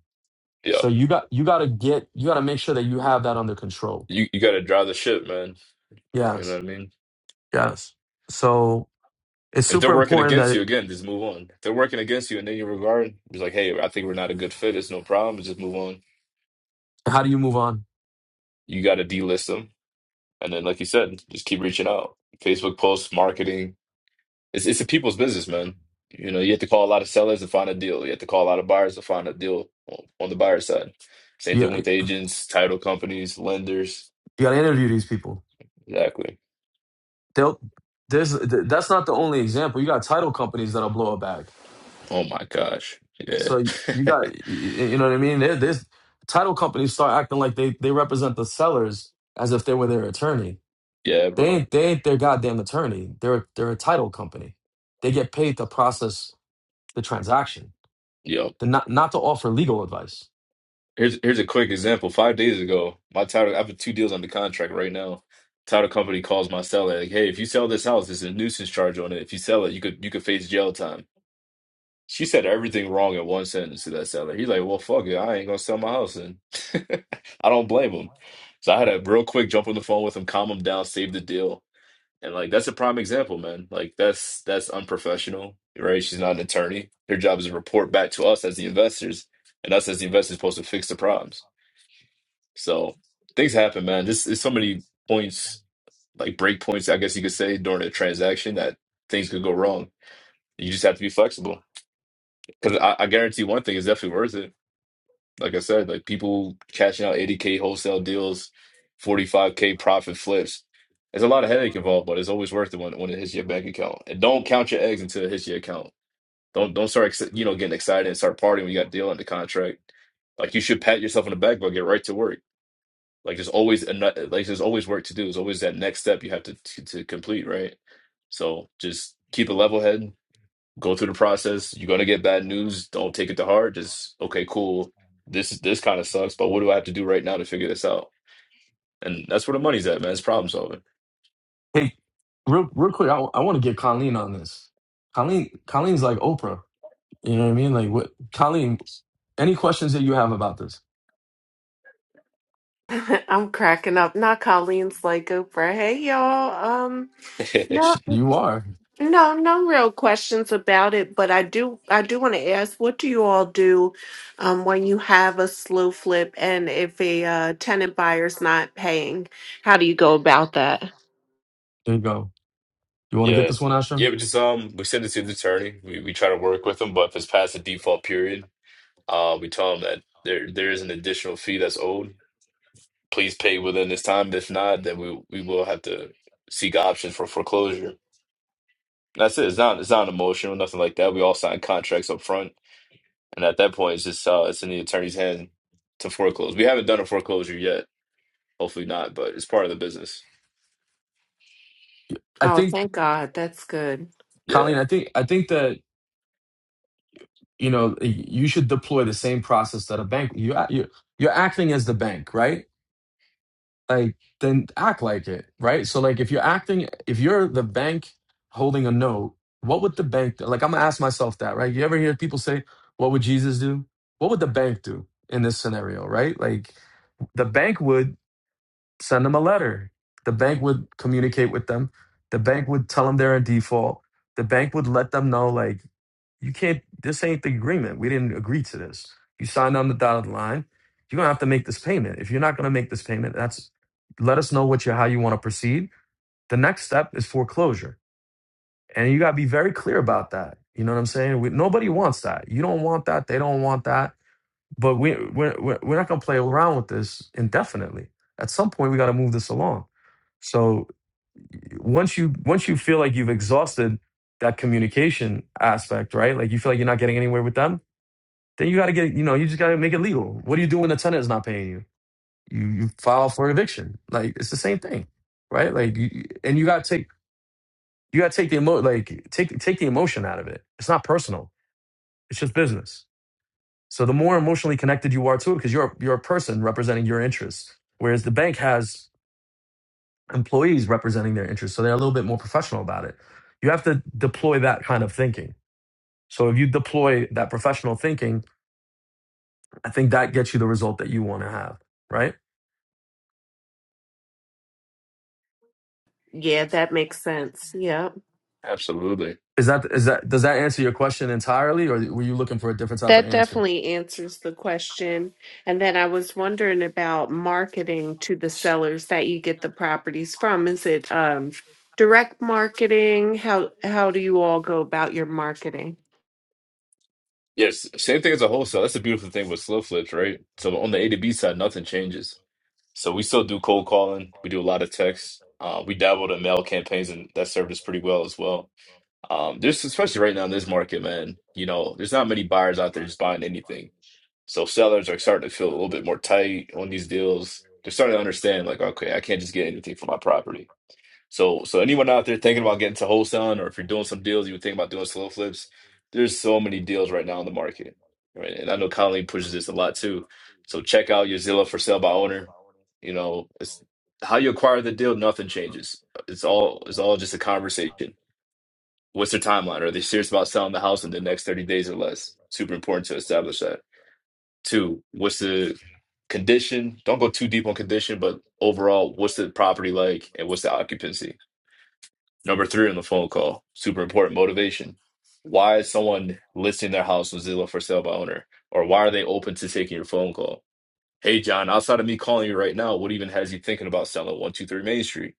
Speaker 1: Yeah.
Speaker 2: So you got you got to get you got to make sure that you have that under control.
Speaker 1: You you gotta drive the ship, man. You know
Speaker 2: Yes.
Speaker 1: what I mean?
Speaker 2: Yes. So it's
Speaker 1: If they're
Speaker 2: super
Speaker 1: working
Speaker 2: important
Speaker 1: against you,
Speaker 2: that
Speaker 1: again, just move on. If they're working against you and then you regard, it's like, hey, I think we're not a good fit. It's no problem. Just move on.
Speaker 2: how do you move on?
Speaker 1: You got to delist them. And then, like you said, just keep reaching out. Facebook posts, marketing. It's, it's a people's business, man. You know, you have to call a lot of sellers to find a deal. You have to call a lot of buyers to find a deal on on the buyer side. Same
Speaker 2: You
Speaker 1: thing with
Speaker 2: you
Speaker 1: agents, title companies, lenders.
Speaker 2: gotta interview these people.
Speaker 1: Exactly.
Speaker 2: They'll there's th- that's not the only example. You got title companies that'll blow a bag.
Speaker 1: Oh my gosh. Yeah.
Speaker 2: So you got y- y- you know what I mean. There, there's title companies start acting like they they represent the sellers as if they were their attorney.
Speaker 1: Yeah,
Speaker 2: They
Speaker 1: bro.
Speaker 2: ain't they ain't their goddamn attorney. They're they're a title company. They get paid to process the transaction.
Speaker 1: Yo.
Speaker 2: They're not not to offer legal advice.
Speaker 1: Here's here's a quick example. Five days ago, my title I have two deals under contract right now. Title company calls my seller like, "Hey, if you sell this house, there's a nuisance charge on it. If you sell it, you could you could face jail time." She said everything wrong in one sentence to that seller. He's like, "Well, fuck it, I ain't gonna sell my house," and I don't blame him. So I had to real quick jump on the phone with him, calm him down, save the deal, and like that's a prime example, man. Like that's that's unprofessional, right? She's not an attorney. Her job is to report back to us as the investors, and us as the investors supposed to fix the problems. So things happen, man. Just there's so many points, like break points, I guess you could say, during a transaction that things could go wrong. You just have to be flexible. Because I, I guarantee one thing is definitely worth it. Like I said, like people cashing out 80K wholesale deals, 45K profit flips. There's a lot of headache involved, but it's always worth it when, when it hits your bank account. And don't count your eggs until it hits your account. Don't don't start ex- you know getting excited and start partying when you got a deal under contract. Like you should pat yourself on the back, but get right to work Like there's always another, like there's always work to do. There's always that next step you have to to, to complete, right? So just keep a level head, go through the process. You're gonna get bad news. Don't take it to heart. Just okay, cool. This this kind of sucks, but what do I have to do right now to figure this out? And that's where the money's at, man. It's problem solving.
Speaker 2: Hey, real real quick, I, want to get Colleen on this. Colleen Colleen's like Oprah. You know what I mean? Like what Colleen, any questions that you have about this?
Speaker 3: I'm cracking up. Not Colleen's like Oprah. Hey, y'all. Um, no.
Speaker 2: Sh- You are.
Speaker 3: No, no real questions about it, but I do I do want to ask, what do you all do um, when you have a slow flip and if a uh, tenant buyer's not paying? How do you go about that?
Speaker 2: There you go. You want to get
Speaker 1: Yeah.
Speaker 2: this one,
Speaker 1: Yeah,
Speaker 2: Ashram?
Speaker 1: we just um we send it to the attorney. We we try to work with them, but if it's past the default period, uh we tell them that there there is an additional fee that's owed please pay within this time. If not, then we we will have to seek options for foreclosure. That's it. It's not it's not emotional, nothing like that. We all sign contracts up front, and at that point, it's just uh, it's in the attorney's hand to foreclose. We haven't done a foreclosure yet. Hopefully not, but it's part of the business.
Speaker 2: I
Speaker 3: Oh,
Speaker 2: think
Speaker 3: thank God. That's good.
Speaker 1: Yeah,
Speaker 2: Colleen, I think I think that you know you should deploy the same process that a bank you you you're acting as the bank, right? Like then act like it, right? So like if you're acting if you're the bank holding a note, what would the bank like I'm going to ask myself that, right? You ever hear people say what would Jesus do? What would the bank do in this scenario, right? Like the bank would send them a letter. The bank would communicate with them. The bank would tell them they're in default. The bank would let them know, like, you can't, this ain't the agreement. We didn't agree to this. You signed on the dotted line. You're going to have to make this payment. If you're not going to make this payment, that's, let us know what you, how you want to proceed. The next step is foreclosure. And you got to be very clear about that. You know what I'm saying? We, nobody wants that. You don't want that. They don't want that but we we're we're we're not gonna play around with this indefinitely. At some point, we got to move this along. So once you once you feel like you've exhausted that communication aspect, right? Like you feel like you're not getting anywhere with them, then you got to get you know you just got to make it legal. What do you do when the tenant is not paying you? You you file for eviction. Like it's the same thing, right? Like you, and you got to take you got to take the emo like take take the emotion out of it. It's not personal. It's just business. So the more emotionally connected you are to it, because you're you're a person representing your interests, whereas the bank has employees representing their interests, so they're a little bit more professional about it. You have to deploy that kind of thinking. So if you deploy that professional thinking, I think that gets you the result that you want to have. Right?
Speaker 3: Yeah, that makes sense. Yep.
Speaker 1: absolutely.
Speaker 2: Is that is that does that answer your question entirely, or were you looking for a different type of
Speaker 3: That
Speaker 2: answer?
Speaker 3: definitely answers the question. And then I was wondering about marketing to the sellers that you get the properties from. Is it um, direct marketing? How how do you all go about your marketing?
Speaker 1: Yes, same thing as a wholesale. That's the beautiful thing with slow flips, right? So on the A to B side, nothing changes. So we still do cold calling. We do a lot of texts. Uh, we dabbled in mail campaigns, and that served us pretty well as well Um, there's especially right now in this market, man, you know, there's not many buyers out there just buying anything. So sellers are starting to feel a little bit more tight on these deals. They're starting to understand, like, okay, I can't just get anything for my property. So, so anyone out there thinking about getting to wholesaling, or if you're doing some deals, you would think about doing slow flips. There's so many deals right now in the market, right? And I know Colleen pushes this a lot too. So check out your Zillow for sale by owner. You know, it's how you acquire the deal. Nothing changes. It's all it's all just a conversation What's their timeline? Are they serious about selling the house in the next 30 days or less? Super important to establish that. Two, what's the condition? Don't go too deep on condition, but overall, what's the property like and what's the occupancy? Number three on the phone call, super important motivation. Why is someone listing their house on Zillow for sale by owner? Or why are they open to taking your phone call? Hey, John, outside of me calling you right now, what even has you thinking about selling 123 Main Street?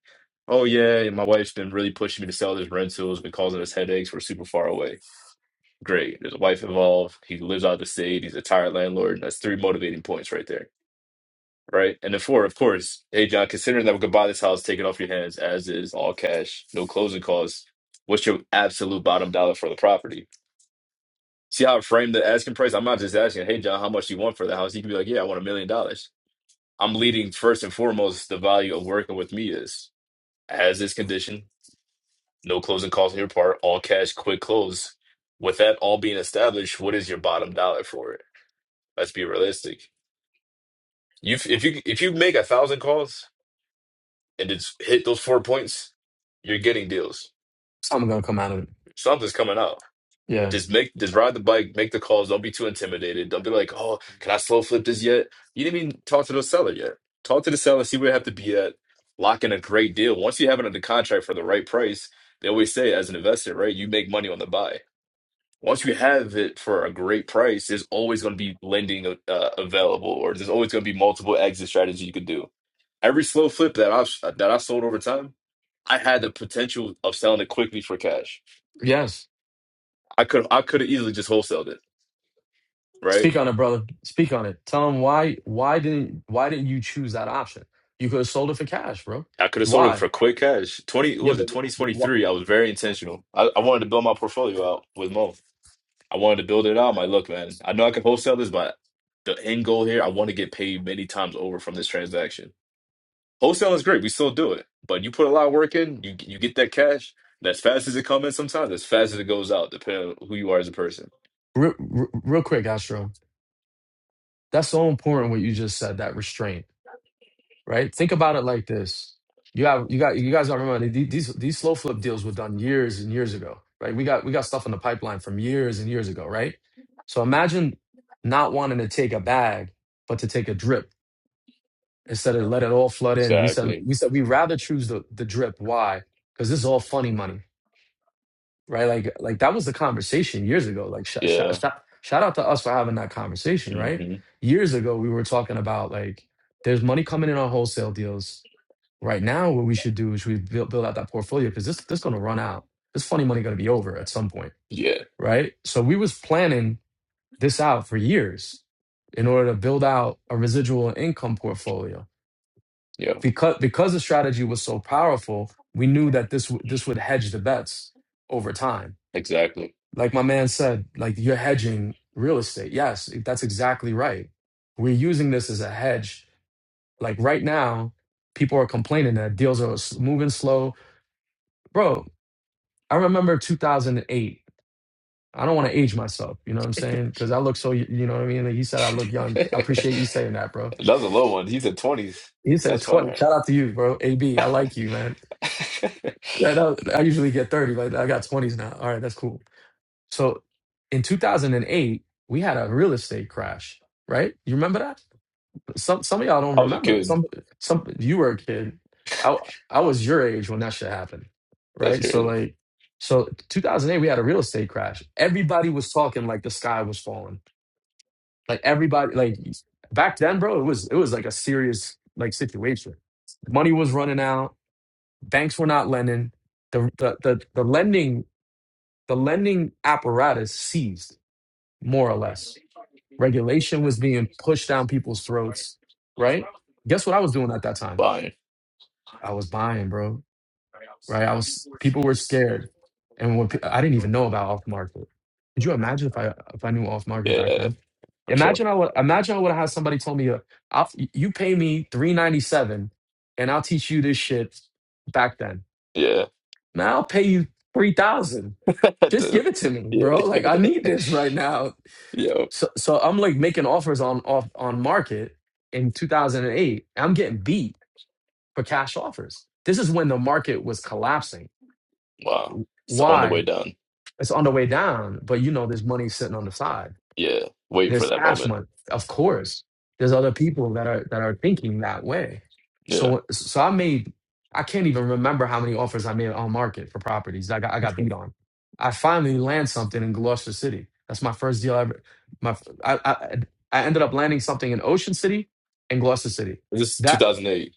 Speaker 1: Oh, yeah, my wife's been really pushing me to sell this rental. It's been causing us headaches. We're super far away Great. There's a wife involved. He lives out of the state. He's a tired landlord. That's three motivating points right there. Right. And then four, of course, hey John, considering that we could buy this house, take it off your hands as is, all cash, no closing costs. What's your absolute bottom dollar for the property? See how I framed the asking price? I'm not just asking, hey John, how much do you want for the house? He can be like, Yeah, I want a million dollars. I'm leading first and foremost the value of working with me is as is condition, no closing costs on your part, all cash, quick close. With that all being established, what is your bottom dollar for it? Let's be realistic. You if you if you make a thousand calls and it's hit those four points, you're getting deals.
Speaker 2: Something gonna come out of it.
Speaker 1: Something's coming out.
Speaker 2: Yeah.
Speaker 1: Just make just ride the bike, make the calls. Don't be too intimidated. Don't be like, oh, can I slow flip this yet? You didn't even talk to the seller yet. Talk to the seller, see where you have to be at. Lock in a great deal. Once you have it under contract for the right price, they always say as an investor, right? You make money on the buy. Once you have it for a great price, there's always going to be lending uh, available, or there's always going to be multiple exit strategies you could do Every slow flip that I that I sold over time, I had the potential of selling it quickly for cash.
Speaker 2: Yes.
Speaker 1: I could I could have easily just wholesaled it, right?
Speaker 2: Speak on it, brother. Speak on it. Tell him why why didn't why didn't you choose that option? You could have sold it for cash, bro.
Speaker 1: I could have sold it
Speaker 2: Why?
Speaker 1: for quick cash. Twenty what
Speaker 2: Yeah,
Speaker 1: was
Speaker 2: but
Speaker 1: it twenty twenty
Speaker 2: wh- wh-
Speaker 1: three? I was very intentional. I, I wanted to build my portfolio out with Mo. I wanted to build it out. My look, man. I know I can wholesale this, but the end goal here, I want to get paid many times over from this transaction. Wholesale is great. We still do it, but you put a lot of work in. You you get that cash. and As fast as it comes in, sometimes as fast as it goes out, depending on who you are as a person.
Speaker 2: real, real quick, Astro. That's so important what you just said, that restraint, right? Think about it like this. You have you got you guys gotta remember the- these these slow flip deals were done years and years ago, right? We got we got stuff in the pipeline from years and years ago, right? So imagine not wanting to take a bag, but to take a drip instead of let it all flood in. We said
Speaker 1: Exactly.
Speaker 2: we said we rather choose the the drip. Why? Because this is all funny money, right? Like like that was the conversation years ago. Like shout shout
Speaker 1: Yeah.
Speaker 2: shout shout out to us for having that conversation, right?
Speaker 1: hmm
Speaker 2: Years ago, we were talking about like there's money coming in on wholesale deals. Right now, what we should do is we build build out that portfolio because this this going to run out. This funny money going to be over at some point,
Speaker 1: Yeah.
Speaker 2: right? So we was planning this out for years in order to build out a residual income portfolio
Speaker 1: Yeah.
Speaker 2: because because the strategy was so powerful, we knew that this w- this would hedge the bets over time.
Speaker 1: Exactly.
Speaker 2: Like my man said, like you're hedging real estate. Yes, that's exactly right. We're using this as a hedge. Like right now, people are complaining that deals are s- moving slow. Bro, I remember 2008. I don't want to age myself, you know what I'm saying? Because I look so, y- you know what I mean? Like you said, I look young. I appreciate you saying that, bro.
Speaker 1: That was a low one. He said twenties.
Speaker 2: You said
Speaker 1: That's
Speaker 2: 20.
Speaker 1: fire.
Speaker 2: Shout out to you, bro. AB, I like you, man.
Speaker 1: I
Speaker 2: That- that- I usually get 30, like I got 20s now. All right, that's cool. So in 2008, we had a real estate crash, right? You remember that? Some some of y'all don't
Speaker 1: was a
Speaker 2: remember.
Speaker 1: kid.
Speaker 2: Some some you were a kid. I I was your age when that shit happened,
Speaker 1: That's
Speaker 2: right? So
Speaker 1: crazy.
Speaker 2: like so 2008 we had a real estate crash. Everybody was talking like the sky was falling. Like everybody like back then, bro, it was it was like a serious like situation. Money was running out, banks were not lending the the the, the lending the lending apparatus seized more or less regulation was being pushed down people's throats right guess what i was doing at that time
Speaker 1: Buying.
Speaker 2: i was buying bro right i was people were scared and when, pe- i didn't even know about off market could you imagine if i if i knew off market back
Speaker 1: Yeah,
Speaker 2: then
Speaker 1: for sure.
Speaker 2: imagine i would imagine i would have had somebody told me uh, I'll, you pay me 397 and i'll teach you this shit back then
Speaker 1: Yeah.
Speaker 2: man i'll pay you 3000 just
Speaker 1: Dude.
Speaker 2: give it to me
Speaker 1: Yeah.
Speaker 2: bro like i need this right now
Speaker 1: Yo.
Speaker 2: So so I'm like making offers on off on market in 2008. I'm getting beat for cash offers. This is when the market was collapsing.
Speaker 1: Wow. It's on the
Speaker 2: Why?
Speaker 1: way down.
Speaker 2: It's on the way down, but you know there's money sitting on the side.
Speaker 1: Yeah. Waiting for
Speaker 2: There's
Speaker 1: that
Speaker 2: tax
Speaker 1: moment.
Speaker 2: month, of course. There's other people that are that are thinking that way.
Speaker 1: Yeah.
Speaker 2: So so I made I can't even remember how many offers I made on market for properties. I got I got beat
Speaker 1: This
Speaker 2: on. I finally land something in Gloucester City. That's my first deal I ever. My I I, I ended up landing something in Ocean City and Gloucester City.
Speaker 1: is
Speaker 2: That
Speaker 1: 2008.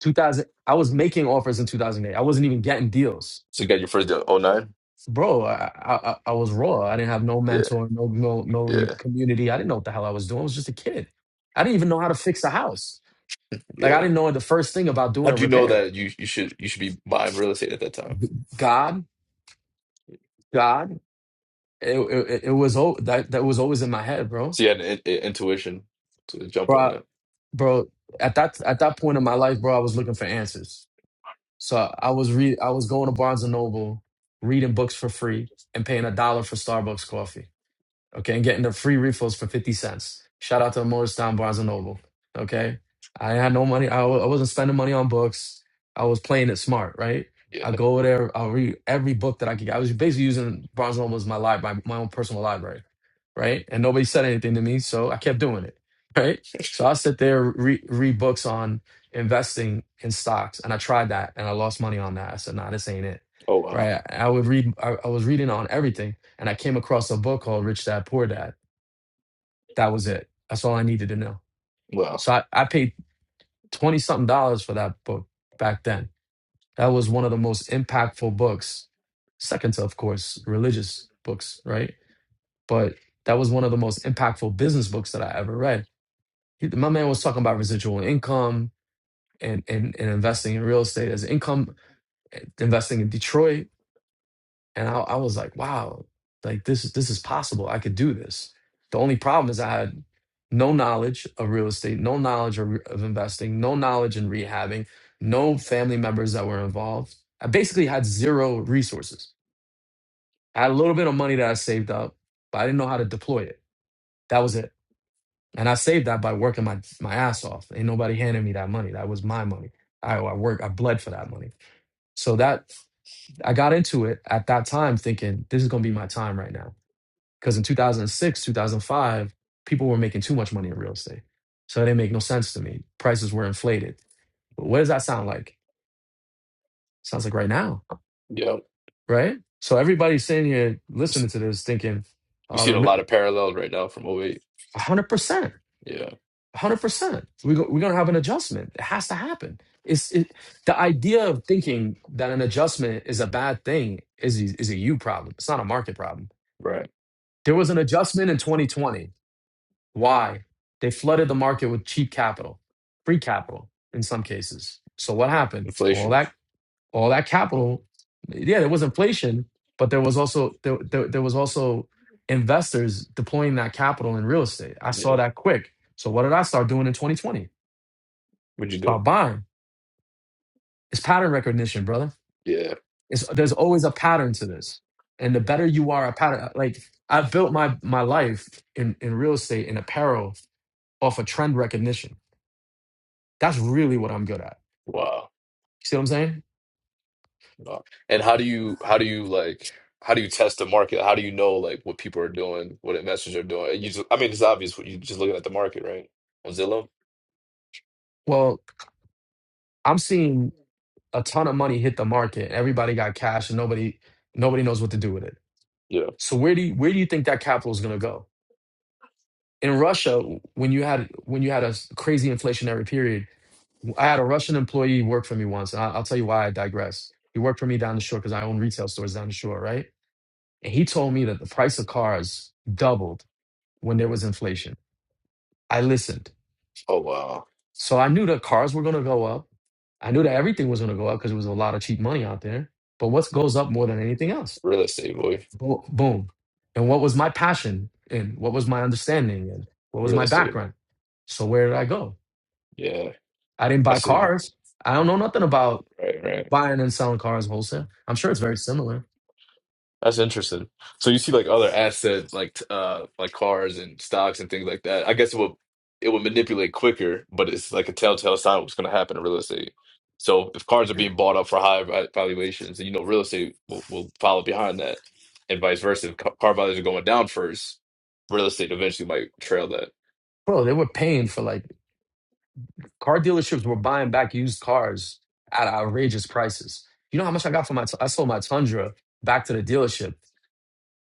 Speaker 2: 2000 I was making offers in 2008. I wasn't even getting deals
Speaker 1: So you got your first deal Oh nine.
Speaker 2: bro, I, I I was raw. I didn't have no
Speaker 1: Yeah.
Speaker 2: mentor, no no no you-
Speaker 1: Yeah.
Speaker 2: community. I didn't know what the hell I was doing. I was just a kid. I didn't even know how to fix a house. Like I
Speaker 1: Yeah.
Speaker 2: didn't know the first thing about
Speaker 1: How
Speaker 2: doing a
Speaker 1: do you know
Speaker 2: repair.
Speaker 1: that you, you should you should be buying real estate at that time?
Speaker 2: God, God, it it, it was al- that that was always in my head, bro.
Speaker 1: So you had an in- intuition to jump
Speaker 2: Bro,
Speaker 1: on
Speaker 2: I-
Speaker 1: that.
Speaker 2: bro, at that at that point in my life, bro, I was looking for answers. So I was re I was going to Barnes and Noble, reading books for free, and paying a dollar for Starbucks coffee. okay, and getting the free refills for 50 cents. Shout out to Morristown Barnes and Noble, okay? I had no money. I, wa- I wasn't spending money on books. I was playing it smart, right?
Speaker 1: Yeah.
Speaker 2: I go over there, I'll read every book that I could get. I was basically using Barnes and Noble as my library, my, my own personal library, right? And nobody said anything to me, so I kept doing it, right? So I sit there, re- read books on investing in stocks, and I tried that, and I lost money on that. I said, nah, this ain't it,
Speaker 1: Oh wow.
Speaker 2: right? I would read, I, I was reading on everything and I came across a book called Rich Dad Poor Dad. That was it. That's all I needed to know.
Speaker 1: Wow.
Speaker 2: So I, I paid 20 something dollars for that book back then. That was one of the most impactful books, second to, of course, religious books, right? But that was one of the most impactful business books that I ever read. He, my man was talking about residual income and, and, and investing in real estate as income, investing in Detroit. And I, I was like, wow, like this is this is possible. I could do this. The only problem is I had no knowledge of real estate, no knowledge of, of investing, no knowledge in rehabbing, no family members that were involved. I basically had zero resources. I had a little bit of money that I saved up, but I didn't know how to deploy it. That was it. And I saved that by working my, my ass off. Ain't nobody handed me that money. That was my money. I, I work, I bled for that money. So that I got into it at that time thinking this is gonna be my time right now Because in 2006, 2005, people were making too much money in real estate. So it didn't make no sense to me. Prices were inflated. But what does that sound like? Sounds like right now,
Speaker 1: Yeah. You
Speaker 2: right? So everybody's sitting here listening
Speaker 1: s-
Speaker 2: to this thinking,
Speaker 1: you
Speaker 2: uh,
Speaker 1: seeing a
Speaker 2: rem-
Speaker 1: lot of parallels right now from O eight.
Speaker 2: 100%,
Speaker 1: Yeah.
Speaker 2: 100%. We go, we're going to have an adjustment. It has to happen. It's it, The idea of thinking that an adjustment is a bad thing is, is a you problem. It's not a market problem.
Speaker 1: Right.
Speaker 2: There was an adjustment in 2020 Why? They flooded the market with cheap capital, free capital in some cases. So what happened? All
Speaker 1: Inflation.
Speaker 2: that all that capital, yeah, there was inflation, but there was also there, there, there was also investors deploying that capital in real estate. I saw
Speaker 1: Yeah.
Speaker 2: that quick. So what did I start doing in 2020?
Speaker 1: What'd you do?
Speaker 2: Start buying. It's pattern recognition, brother.
Speaker 1: Yeah.
Speaker 2: It's, there's always a pattern to this. And the better you are a pattern, like I built my my life in, in real estate in apparel off of trend recognition That's really what I'm good at.
Speaker 1: Wow.
Speaker 2: See what I'm saying?
Speaker 1: Wow. And how do you how do you like how do you test the market? How do you know like what people are doing, what investors are doing? You just, I mean, it's obvious what you just looking at the market, right? On Zillow.
Speaker 2: Well, I'm seeing a ton of money hit the market. Everybody got cash and nobody nobody knows what to do with it.
Speaker 1: Yeah.
Speaker 2: So where do you, where do you think that capital is going to go? In Russia, when you had when you had a s- crazy inflationary period, I had a Russian employee work for me once, and I- I'll tell you why I digress. He worked for me down the shore because I own retail stores down the shore, right? And he told me that the price of cars doubled when there was inflation. I listened.
Speaker 1: Oh wow.
Speaker 2: So I knew the cars were going to go up. I knew that everything was going to go up because there was a lot of cheap money out there. But what goes up more than anything else?
Speaker 1: Real estate, boy.
Speaker 2: Bo- Boom. And what was my passion and what was my understanding and what was
Speaker 1: Real
Speaker 2: my
Speaker 1: estate.
Speaker 2: background? So where did I go?
Speaker 1: Yeah.
Speaker 2: I didn't
Speaker 1: I
Speaker 2: buy
Speaker 1: see.
Speaker 2: cars. I don't know nothing about
Speaker 1: Right. Right.
Speaker 2: buying and selling cars wholesale. I'm sure it's very similar.
Speaker 1: That's interesting. So you see like other asset like t- uh like cars and stocks and things like that. I guess it will it will manipulate quicker, but it's like a telltale sign of what's going to happen in real estate. So if cars are being bought up for high va- valuations, and you know real estate will, will follow behind that, and vice versa. If ca- car values are going down first, real estate eventually might trail that.
Speaker 2: Bro, they were paying for like car dealerships were buying back used cars at outrageous prices. You know how much I got for my, I sold my Tundra back to the dealership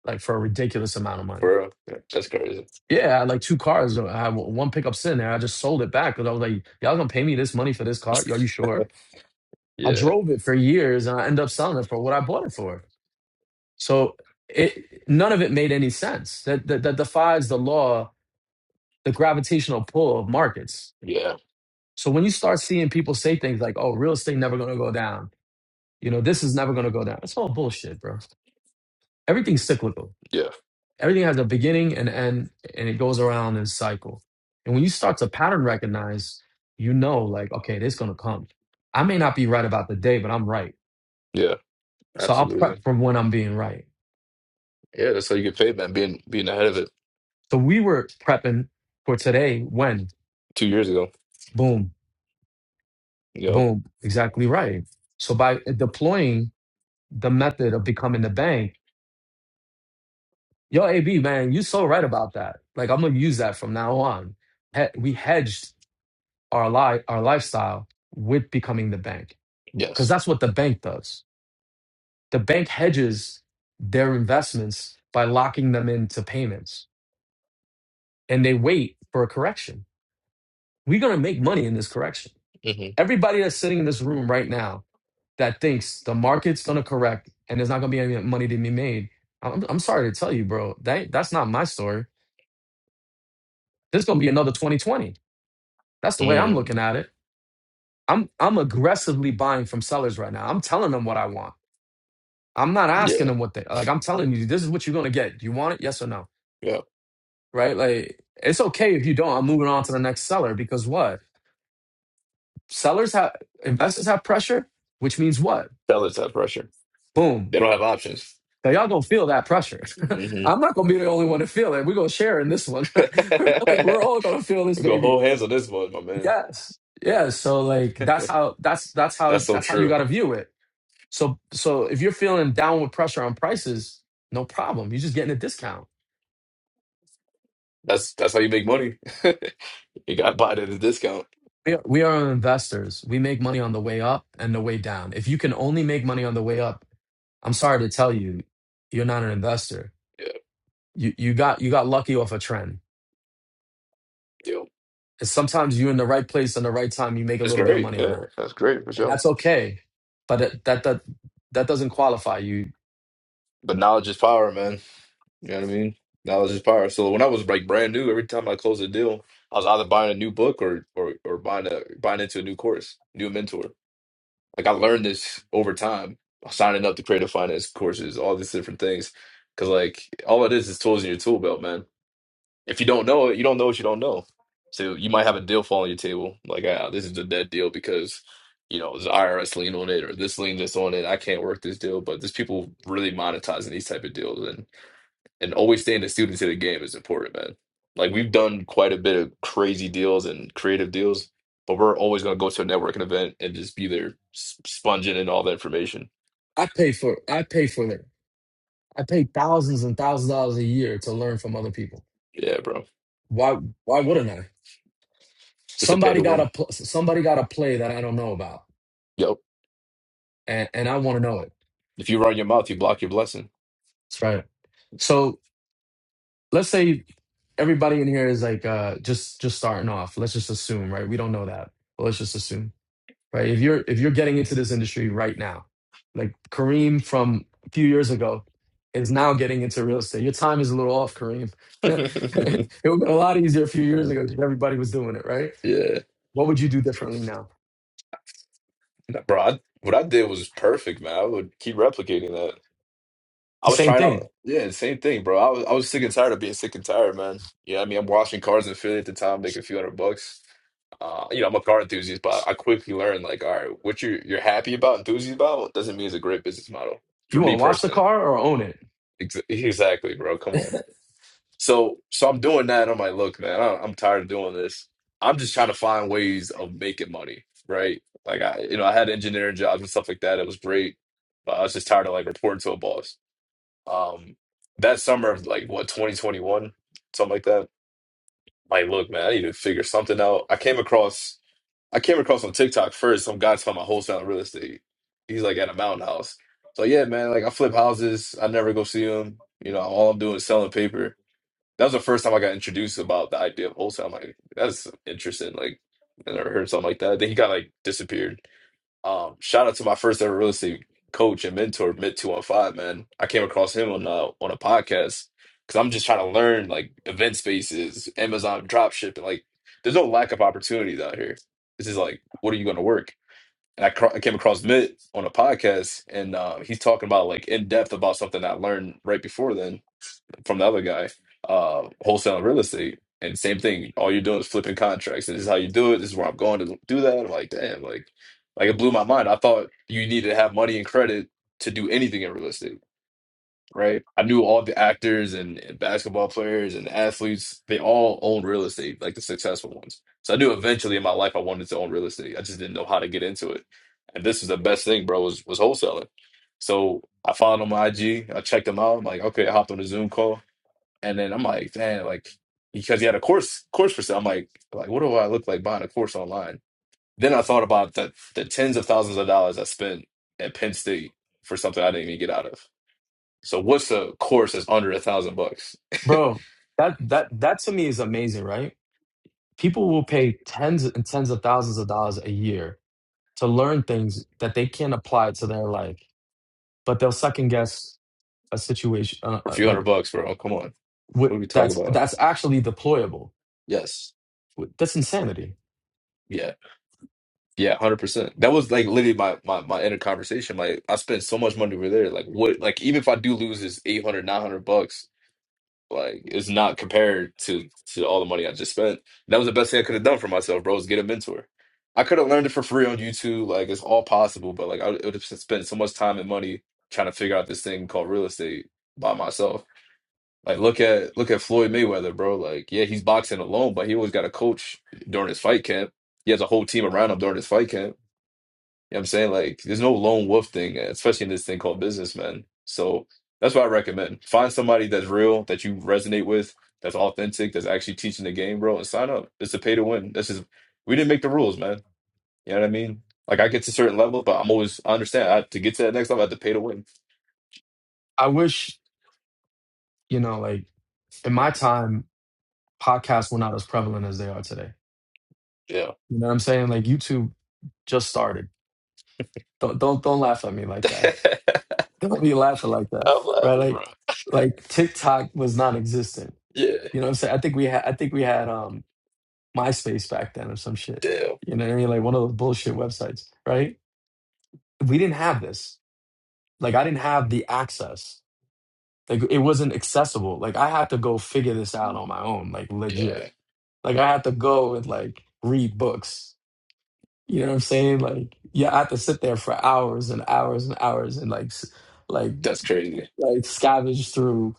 Speaker 2: like for a ridiculous amount of money
Speaker 1: For real. Yeah, that's crazy.
Speaker 2: Yeah, I had like two cars. I had one pickup sitting there. I just sold it back because I was like, y'all gonna pay me this money for this car? Are you sure? I
Speaker 1: Yeah,
Speaker 2: drove it for years and I ended up selling it for what I bought it for. So it none of it made any sense. That that, that defies the law, the gravitational pull of markets.
Speaker 1: yeah,
Speaker 2: So when you start seeing people say things like, "Oh, real estate never gonna go down," you know, this is never gonna go down. It's all bullshit, bro. Everything's cyclical.
Speaker 1: yeah,
Speaker 2: everything has a beginning and end and it goes around in a cycle and when you start to pattern recognize you know like okay this gonna come i may not be right about the day but i'm right
Speaker 1: yeah.
Speaker 2: so i'll
Speaker 1: Absolutely.
Speaker 2: prep from when i'm being right
Speaker 1: Yeah, that's how you get paid, man. Being being ahead of it
Speaker 2: so we were prepping for today when
Speaker 1: two years ago.
Speaker 2: boom
Speaker 1: you know.
Speaker 2: boom exactly right so by deploying the method of becoming the bank yo ab man you so right about that like i'm gonna use that from now on He- we hedged our, li- our lifestyle with becoming the bank because
Speaker 1: Yes.
Speaker 2: that's what the bank does. The bank hedges their investments by locking them into payments and they wait for a correction. We're going to make money in this correction.
Speaker 1: hmm
Speaker 2: Everybody that's sitting in this room right now that thinks the market's going to correct and there's not going to be any money to be made, I'm, I'm sorry to tell you, bro, that, that's not my story. There's going to be another 2020. That's the way I'm
Speaker 1: mm
Speaker 2: looking at it. I'm, I'm aggressively buying from sellers right now. I'm telling them what I want. I'm not asking
Speaker 1: Yeah.
Speaker 2: them what they like. I'm telling you, this is what you're going to get. Do you want it? Yes or no?
Speaker 1: Yeah.
Speaker 2: right? Like it's okay if you don't. I'm moving on to the next seller because what? Sellers have investors have pressure, which means what?
Speaker 1: Fellas have pressure.
Speaker 2: Boom.
Speaker 1: They don't have options.
Speaker 2: Now y'all gonna feel that pressure.
Speaker 1: hmm
Speaker 2: I'm not gonna be the only one to feel it. We're gonna share in this one. like we're all gonna feel this
Speaker 1: we go
Speaker 2: baby.
Speaker 1: whole hands on this one, my man.
Speaker 2: Yes. Yeah. So like that's how that's that's how
Speaker 1: That's so
Speaker 2: that's how you
Speaker 1: true.
Speaker 2: gotta view it. So so if you're feeling downward pressure on prices, no problem. You're just getting a discount.
Speaker 1: That's that's how you make money. you got to buy it at a discount.
Speaker 2: We are, we are investors. We make money on the way up and the way down. If you can only make money on the way up, I'm sorry to tell you, you're not an investor.
Speaker 1: Yeah.
Speaker 2: You you got you got lucky off a trend.
Speaker 1: Yeah.
Speaker 2: And sometimes you're in the right place and the right time. You make a
Speaker 1: That's
Speaker 2: little bit of
Speaker 1: great.
Speaker 2: money on
Speaker 1: Yeah.
Speaker 2: that,
Speaker 1: That's great for
Speaker 2: and
Speaker 1: sure.
Speaker 2: that's okay. But that that that, that doesn't qualify you.
Speaker 1: But knowledge is power, man. You know what I mean? Knowledge is power. So when I was like brand new, every time I closed a deal, I was either buying a new book or or or buying a buying into a new course, new mentor. Like I learned this over time, signing up to creative finance courses, all these different things. Cause like all it is is tools in your tool belt, man. If you don't know it, you don't know what you don't know. So you might have a deal fall on your table, like ah, this is a dead deal because you know there's IRS lien on it or this lien that's on it. I can't work this deal, but there's people really monetizing these type of deals, and and always staying the students of the game is important, man. Like we've done quite a bit of crazy deals and creative deals, but we're always gonna go to a networking event and just be there s- sponging in all the information.
Speaker 2: I pay for I pay for it. I pay thousands and thousands of dollars a year to learn from other people.
Speaker 1: Yeah, bro.
Speaker 2: Why why wouldn't I?
Speaker 1: It's a pay
Speaker 2: Somebody
Speaker 1: to
Speaker 2: got
Speaker 1: win.
Speaker 2: a pl- somebody got a play that I don't know about,
Speaker 1: Yep.
Speaker 2: and and I want to know it.
Speaker 1: If you run your mouth, you block your blessing.
Speaker 2: That's right. So. let's say everybody in here is like uh just just starting off let's just assume right we don't know that but let's just assume right if you're if you're getting into this industry right now like kareem from a few years ago is now getting into real estate your time is a little off kareem it
Speaker 1: yeah.
Speaker 2: would have been a lot easier a few years ago because everybody was doing it right
Speaker 1: Nah,
Speaker 2: what would you do differently now
Speaker 1: Bro, I, what I did was perfect, man. I would keep replicating
Speaker 2: the
Speaker 1: I was
Speaker 2: same
Speaker 1: trying out.
Speaker 2: thing
Speaker 1: Yeah, same thing, bro. I was I was sick and tired of being sick and tired, man. Yeah, I mean, I'm washing cars in Philly at the time, making a few hundred bucks. Uh, you know, I'm a car enthusiast, but I quickly learned like, all right, what you're you're happy about, enthusiastic about, doesn't mean it's a great business model
Speaker 2: you
Speaker 1: for
Speaker 2: want
Speaker 1: me
Speaker 2: to wash the
Speaker 1: personally.
Speaker 2: car or own it
Speaker 1: Ex exactly, bro. Come on. So, so I'm doing that. I'm like, look, man, I, I'm tired of doing this. I'm just trying to find ways of making money, right? Like, I, you know, I had engineering jobs and stuff like that. It was great, but I was just tired of like reporting to a boss. Um, that summer of like what 2021, something like that. Like, look, man, I need to figure something out. I came across, I came across on TikTok first. Some guy's talking about wholesale real estate. He's like at a mountain house. So yeah, man, like I flip houses. I never go see them. You know, all I'm doing is selling paper. That was the first time I got introduced about the idea of wholesale. I'm like, that's interesting. Like, I never heard something like that. Then he got like disappeared. Um, shout out to my first ever real estate coach and mentor, Mid Two One Five. Man, I came across him on uh, on a podcast because I'm just trying to learn like event spaces, Amazon dropship, and like there's no lack of opportunities out here. This is like, what are you going to work? And I, cro- I came across Mitt on a podcast, and uh, he's talking about like in depth about something I learned right before then from the other guy, uh, wholesaling real estate. And same thing, all you're doing is flipping contracts. And this is how you do it. This is where I'm going to do that. I'm like, damn, like, like it blew my mind. I thought you needed to have money and credit to do anything in real estate, right? I knew all the actors and, and basketball players and athletes, they all own real estate, like the successful ones. So I knew eventually in my life I wanted to own real estate. I just didn't know how to get into it. And this is the best thing, bro, was was wholesaling. So I followed him on IG. I checked him out. I'm like, okay, I hopped on a Zoom call. And then I'm like, damn, like because he had a course course for sale. I'm like, like what do I look like buying a course online? Then I thought about the the tens of thousands of dollars I spent at Penn State for something I didn't even get out of. So what's a course that's under a thousand bucks
Speaker 2: bro that that that to me is amazing right people will pay tens and tens of thousands of dollars a year to learn things that they can apply to their life, but they'll second guess a situation uh,
Speaker 1: or a
Speaker 2: uh,
Speaker 1: few hundred
Speaker 2: like
Speaker 1: bucks, bro? Come on,
Speaker 2: what
Speaker 1: what are we talking
Speaker 2: that's
Speaker 1: about?
Speaker 2: that's actually deployable.
Speaker 1: Yes,
Speaker 2: Wh- That's insanity.
Speaker 1: yeah, yeah, hundred percent. That was like literally my my my inner conversation. Like I spent so much money over there. Like what? Like even if I do lose this 800 900 bucks Like it's not compared to to all the money I just spent. That was the best thing I could have done for myself, bro. Is get a mentor. I could have learned it for free on YouTube. Like it's all possible, but like I would have spent so much time and money trying to figure out this thing called real estate by myself. Like look at look at Floyd Mayweather, bro. Like yeah, he's boxing alone, but he always got a coach during his fight camp. He has a whole team around him during his fight camp. You know what I'm saying? Like, there's no lone wolf thing, especially in this thing called businessman. So that's what I recommend. Find somebody that's real, that you resonate with, that's authentic, that's actually teaching the game, bro, and sign up. It's a pay to win. That's just we didn't make the rules, man. You know what I mean? Like I get to a certain level, but I'm always I understand I, to get to that next level, I have to pay to win.
Speaker 2: I wish you know, like in my time, podcasts were not as prevalent as they are today.
Speaker 1: Yeah,
Speaker 2: You know what I'm saying? Like YouTube just started. Don't don't don't laugh at me like that. Don't be laughing like that,
Speaker 1: I'm
Speaker 2: right?
Speaker 1: laughing, bro.
Speaker 2: Like like TikTok was non-existent.
Speaker 1: Yeah,
Speaker 2: You know what I'm saying? I think we had I think we had um MySpace back then or some shit.
Speaker 1: damn,
Speaker 2: You know what I mean? Like one of those bullshit websites, right? We didn't have this. Like I didn't have the access. Like it wasn't accessible. Like I had to go figure this out on my own, like legit.
Speaker 1: yeah,
Speaker 2: Like I had to go and like read books. You know what I'm saying? Like yeah, I had to sit there for hours and hours and hours and like s- like
Speaker 1: that's crazy.
Speaker 2: like scavenge through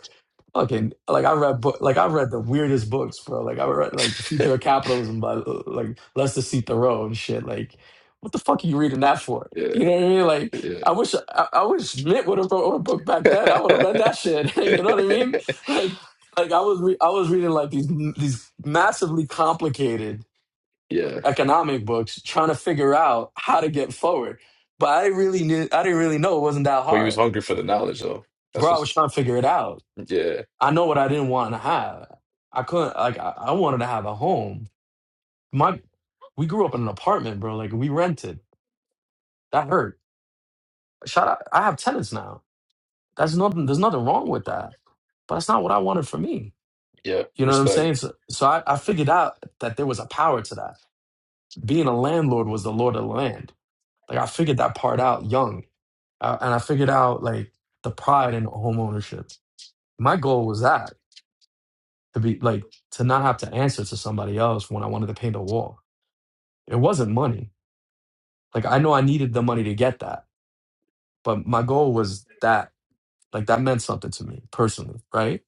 Speaker 2: Fucking like I read book like I read the weirdest books, bro. Like I read like The Future of Capitalism by uh, like Lester C. Thoreau and shit. Like, what the fuck are you reading that for?
Speaker 1: Yeah,
Speaker 2: You know what I mean? Like, I
Speaker 1: yeah,
Speaker 2: wish I, I wish Mitt would have wrote a book back then. I would have read that shit. you know what I mean? Like, like I was re- I was reading like these these massively complicated
Speaker 1: yeah.
Speaker 2: economic books, trying to figure out how to get forward. But I didn't really knew I didn't really know it wasn't that
Speaker 1: But you was
Speaker 2: hard,
Speaker 1: hungry for the knowledge, though. That's
Speaker 2: bro. I
Speaker 1: what.
Speaker 2: was trying to figure it out.
Speaker 1: Yeah,
Speaker 2: I know what I didn't want to have. I couldn't like I, I wanted to have a home. My we grew up in an apartment, bro. Like we rented. That hurt. Shout out I have tenants now. That's nothing there's nothing wrong with that. But that's not what I wanted for me.
Speaker 1: yeah.
Speaker 2: You know what I'm
Speaker 1: Respect.
Speaker 2: saying? So, so I, I figured out that there was a power to that. Being a landlord was the lord of the land. Like I figured that part out young. Uh, and I figured out like the pride in home ownership. My goal was that to be like to not have to answer to somebody else when I wanted to paint a wall It wasn't money. Like I know I needed the money to get that, but my goal was that like that meant something to me personally, right?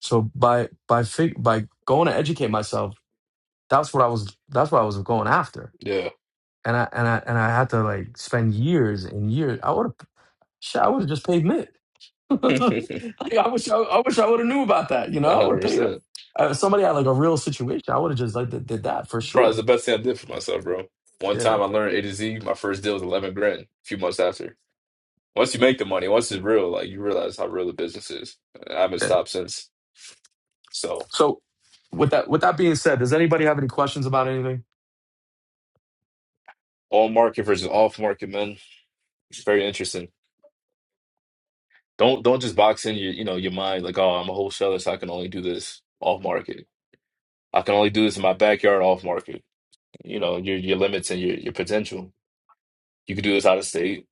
Speaker 2: So by by fig- by going to educate myself, that's what I was that's what I was going after.
Speaker 1: Yeah,
Speaker 2: And I and I and I had to like spend years and years. I would have shit, I would have just paid mid.
Speaker 1: a
Speaker 2: Like, I wish I, I wish I would have knew about that, you know? I
Speaker 1: hundred
Speaker 2: would have paid uh,
Speaker 1: percent.
Speaker 2: if somebody had like a real situation, I would have just like did, did that for
Speaker 1: Bro, it's
Speaker 2: sure.
Speaker 1: the best thing I did for myself, bro. One
Speaker 2: Yeah.
Speaker 1: time I learned A to Z. My first deal was eleven grand. A few months after, once you make the money, once it's real, like you realize how real the business is. I haven't
Speaker 2: yeah.
Speaker 1: stopped since. So
Speaker 2: So with that with that being said, does anybody have any questions about anything?
Speaker 1: on market versus off market, man. It's very interesting. Don't don't just box in your you know your mind like oh I'm a wholesaler so I can only do this off market. I can only do this in my backyard off market. you know, your your limits and your your potential. You could do this out of state.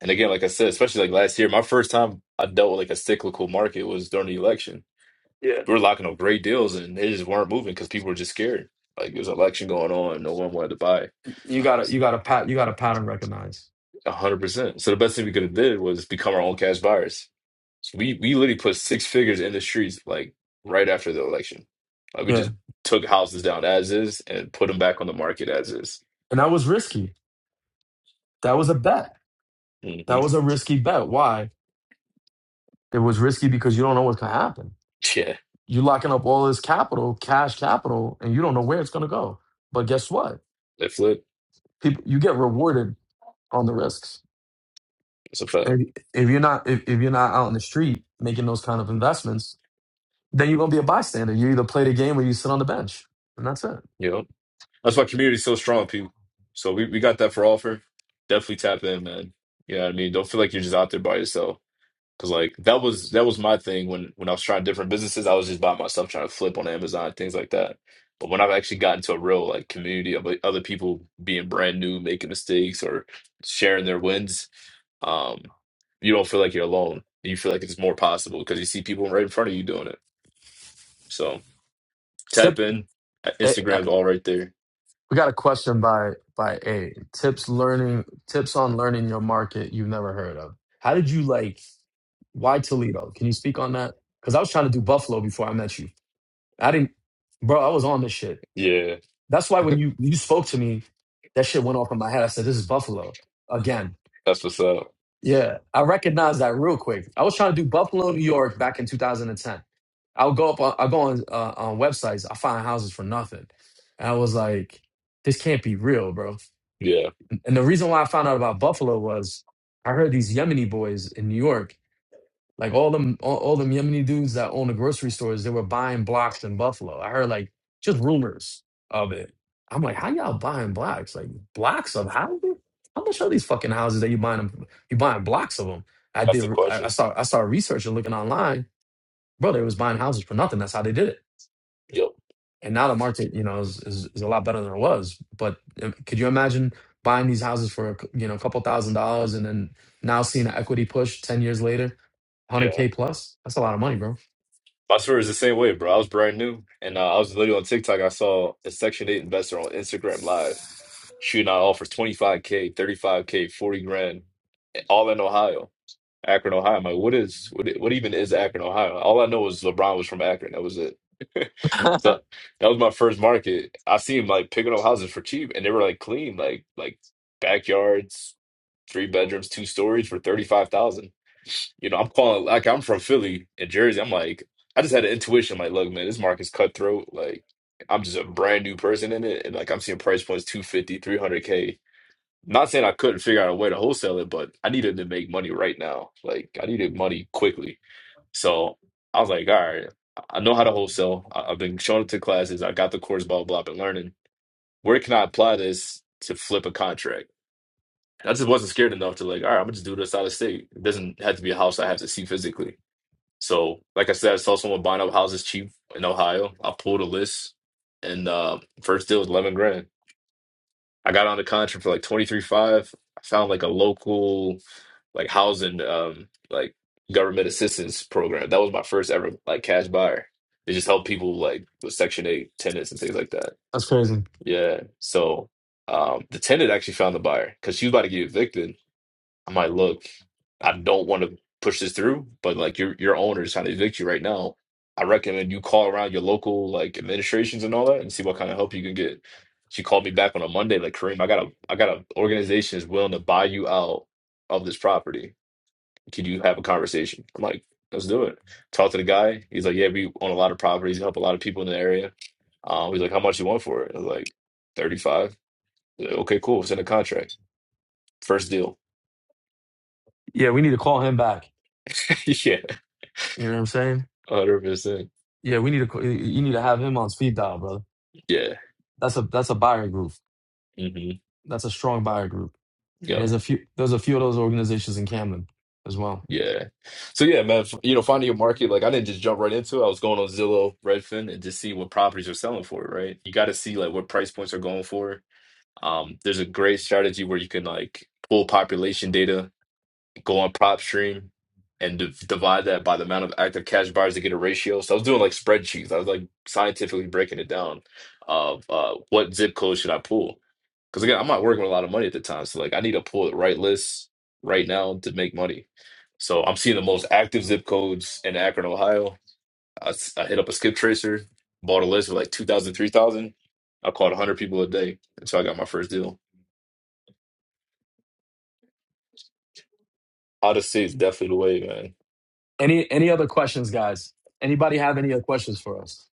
Speaker 1: And again, like I said, especially like last year, my first time I dealt with like a cyclical market was during the election.
Speaker 2: Yeah.
Speaker 1: We were locking up great deals and they just weren't moving because people were just scared. Like there was an election going on, no one wanted to buy.
Speaker 2: You gotta you gotta pat you gotta pattern recognize.
Speaker 1: A hundred percent. So the best thing we could have did was become our own cash buyers. So we we literally put six figures in the streets like right after the election. Like we
Speaker 2: Yeah.
Speaker 1: just took houses down as is and put them back on the market as is.
Speaker 2: And that was risky. That was a bet.
Speaker 1: hmm
Speaker 2: That was a risky bet. Why? It was risky because you don't know what's gonna happen.
Speaker 1: Yeah,
Speaker 2: You're locking up all this capital, cash capital, and you don't know where it's gonna go. But guess what?
Speaker 1: they flip.
Speaker 2: People you get rewarded on the risks.
Speaker 1: It's a fact.
Speaker 2: And if you're not if, if you're not out in the street making those kind of investments, then you're gonna be a bystander. You either play the game or you sit on the bench. And that's it.
Speaker 1: Yo. That's why community's so strong, people. So we, we got that for offer. Definitely tap in, man. You know what I mean? Don't feel like you're just out there by yourself. Cause like that was that was my thing when when I was trying different businesses, I was just by myself trying to flip on Amazon, things like that. But when I've actually gotten to a real like community of like, other people being brand new, making mistakes or sharing their wins, um, you don't feel like you're alone. You feel like it's more possible because you see people right in front of you doing it. So tap in.
Speaker 2: Tip
Speaker 1: Instagram's all right there.
Speaker 2: We got a question by by A. Tips learning tips on learning your market you've never heard of. How did you like why Toledo? Can you speak on that? Because I was trying to do Buffalo before I met you. I didn't bro, I was on this shit.
Speaker 1: Yeah,
Speaker 2: That's why when you you spoke to me, that shit went off in my head. I said, This is Buffalo again.
Speaker 1: that's what's up.
Speaker 2: Yeah. I recognized that real quick. I was trying to do Buffalo, New York back in 2010. I'll go up on I'll go on uh, on websites, I find houses for nothing. And I was like, this can't be real, bro.
Speaker 1: Yeah,
Speaker 2: And the reason why I found out about Buffalo was I heard these Yemeni boys in New York, like all them all, all them Yemeni dudes that own the grocery stores, they were buying blocks in Buffalo. I heard like just rumors of it. I'm like, how y'all buying blocks? Like blocks of houses? How much are these fucking houses that you buying them? You buying blocks of them? I
Speaker 1: that's
Speaker 2: did.
Speaker 1: the
Speaker 2: I, I
Speaker 1: questions.
Speaker 2: saw. I started researching, looking online. Bro, they was buying houses for nothing. That's how they did it
Speaker 1: Yep.
Speaker 2: and now the market you know is, is is a lot better than it was but uh, could you imagine buying these houses for a cou- you know a couple thousand dollars and then now seeing an equity push 10 years later
Speaker 1: Yeah.
Speaker 2: 100k plus that's a lot of money bro
Speaker 1: My story is the same way, bro. I was brand new and uh, I was literally on TikTok. I saw a Section 8 investor on Instagram Live shooting out offers 25K, 35K, 40 grand, eh, all in Ohio, Akron, Ohio. I'm like, what is, what, what even is Akron, Ohio? All I know is LeBron was from Akron. That was it. So that was my first market. I seen him like picking up houses for cheap and they were like clean, like, like backyards, three bedrooms, two stories for 35,000. You know, I'm calling like I'm from Philly in Jersey. I'm like, I just had an intuition, like, look, man, this market's cutthroat. Like, I'm just a brand new person in it, and like I'm seeing price points two fifty, three hundred k Not saying I couldn't figure out a way to wholesale it, but I needed to make money right now. Like, I needed money quickly. So I was like, all right, I know how to wholesale. I- I've been showing up to classes. I got the course, blah, blah, blah, been learning. Where can I apply this to flip a contract? I just wasn't scared enough to like, all right, I'm gonna just do this out of state. It doesn't have to be a house I have to see physically. So, like I said, I saw someone buying up houses cheap in Ohio. I pulled a list, and uh, first deal was eleven grand. I got on the contract for like twenty three five. I found like a local like housing um like government assistance program. That was my first ever like cash buyer. They just help people like with Section Eight tenants and things like that.
Speaker 2: that's crazy
Speaker 1: Yeah. So um the tenant actually found the buyer because she was about to get evicted. I'm like, look, I don't want to push this through, but like your your owner is trying to evict you right now. I recommend you call around your local like administrations and all that and see what kind of help you can get. She called me back on a Monday, like Kareem, I got a I got an organization is willing to buy you out of this property. Can you have a conversation? I'm like, let's do it. Talk to the guy. He's like, yeah, we own a lot of properties, help a lot of people in the area. Um, he's like, how much you want for it? I was like, 35. He's like, okay, cool. Send a contract. First deal.
Speaker 2: yeah we need to call him back
Speaker 1: yeah,
Speaker 2: you know what i'm saying
Speaker 1: 100%.
Speaker 2: yeah we need to ca- you you need to have him on speed dial brother
Speaker 1: Yeah.
Speaker 2: that's a that's a buyer group
Speaker 1: hmm
Speaker 2: that's a strong buyer group and
Speaker 1: Yeah.
Speaker 2: there's a few there's a few of those organizations in camden as well
Speaker 1: Yeah. So yeah, man, f- you know, finding your market, like I didn't just jump right into it. I was going on Zillow, Redfin, and just see what properties are selling for, right? You got to see like what price points are going for. Um, there's a great strategy where you can like pull population data, go on PropStream, and div divide that by the amount of active cash buyers to get a ratio. So I was doing like spreadsheets. I was like scientifically breaking it down of uh, what zip code should I pull Because again, I'm not working with a lot of money at the time. So like I need to pull the right list right now to make money. So I'm seeing the most active zip codes in Akron, Ohio. I, s- I hit up a skip tracer, bought a list of like 2,000, 3,000. I called 100 people a day until I got my first deal. Out of state is definitely the way, man.
Speaker 2: any any other questions guys anybody have any other questions for us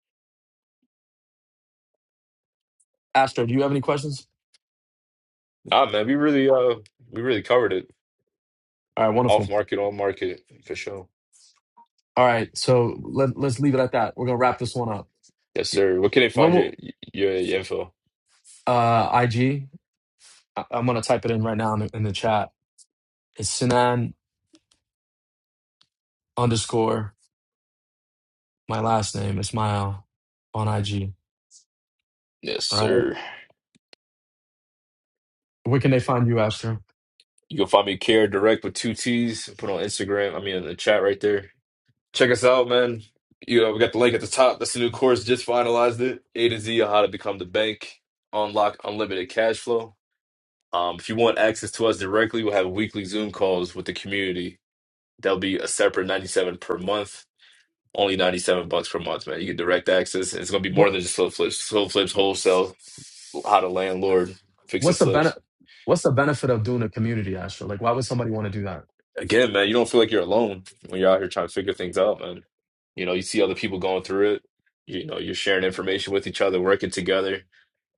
Speaker 2: astro do you have any questions
Speaker 1: Nah, man, we really uh we really covered it.
Speaker 2: all right wonderful
Speaker 1: Off market, on market for sure.
Speaker 2: All right, so let, let's leave it at that. We're gonna wrap this one up.
Speaker 1: Yes, sir. Where can they
Speaker 2: When
Speaker 1: find your
Speaker 2: will
Speaker 1: your, your info?
Speaker 2: uh, IG? I, am gonna type it in right now in the, in the chat. It's Sinan underscore my last name, Ismail, on IG.
Speaker 1: Yes,
Speaker 2: All right,
Speaker 1: sir.
Speaker 2: where can they find you, Astro?
Speaker 1: You can find me Care Direct with two T's. Put on Instagram. I mean, in the chat right there. Check us out, man. You know, we got the link at the top. That's the new course. Just finalized it. A to Z on how to become the bank. Unlock unlimited cash flow. Um, if you want access to us directly, we'll have weekly Zoom calls with the community. That'll be a separate 97 per month. Only 97 bucks per month, man. You get direct access. It's gonna be more
Speaker 2: What
Speaker 1: than just slow flips. Slow flips, wholesale, how to landlord, fix and
Speaker 2: what's the
Speaker 1: flips.
Speaker 2: benefit? What's the benefit of doing a community, Astro? Like, why would somebody want to do that?
Speaker 1: Again, man, you don't feel like you're alone when you're out here trying to figure things out, man. You know, you see other people going through it. You know, you're sharing information with each other, working together.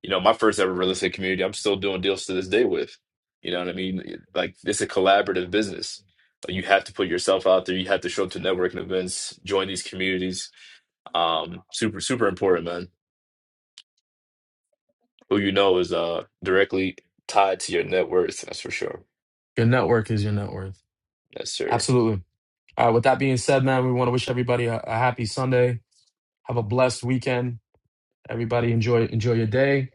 Speaker 1: You know, my first ever real estate community, I'm still doing deals to this day with. You know what I mean? Like, it's a collaborative business. Like, You have to put yourself out there. You have to show up to networking events, join these communities. Um, super, super important, man. Who you know is uh directly tied to your net worth. That's for sure.
Speaker 2: Your network is your net worth.
Speaker 1: That's sure.
Speaker 2: Absolutely. All right. With that being said, man, we want to wish everybody a, a happy Sunday. Have a blessed weekend. Everybody enjoy enjoy your day,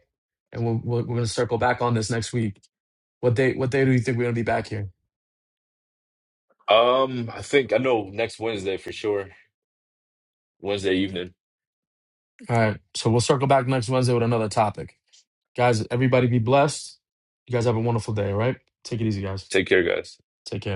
Speaker 2: and we'll, we'll, we're going to circle back on this next week. What day what day do you think we're going to be back here?
Speaker 1: Um, I think I know next Wednesday for sure. Wednesday evening.
Speaker 2: All right, so we'll circle back next Wednesday with another topic, guys. Everybody be blessed. You guys have a wonderful day. All right, take it easy, guys.
Speaker 1: Take care, guys.
Speaker 2: Take care.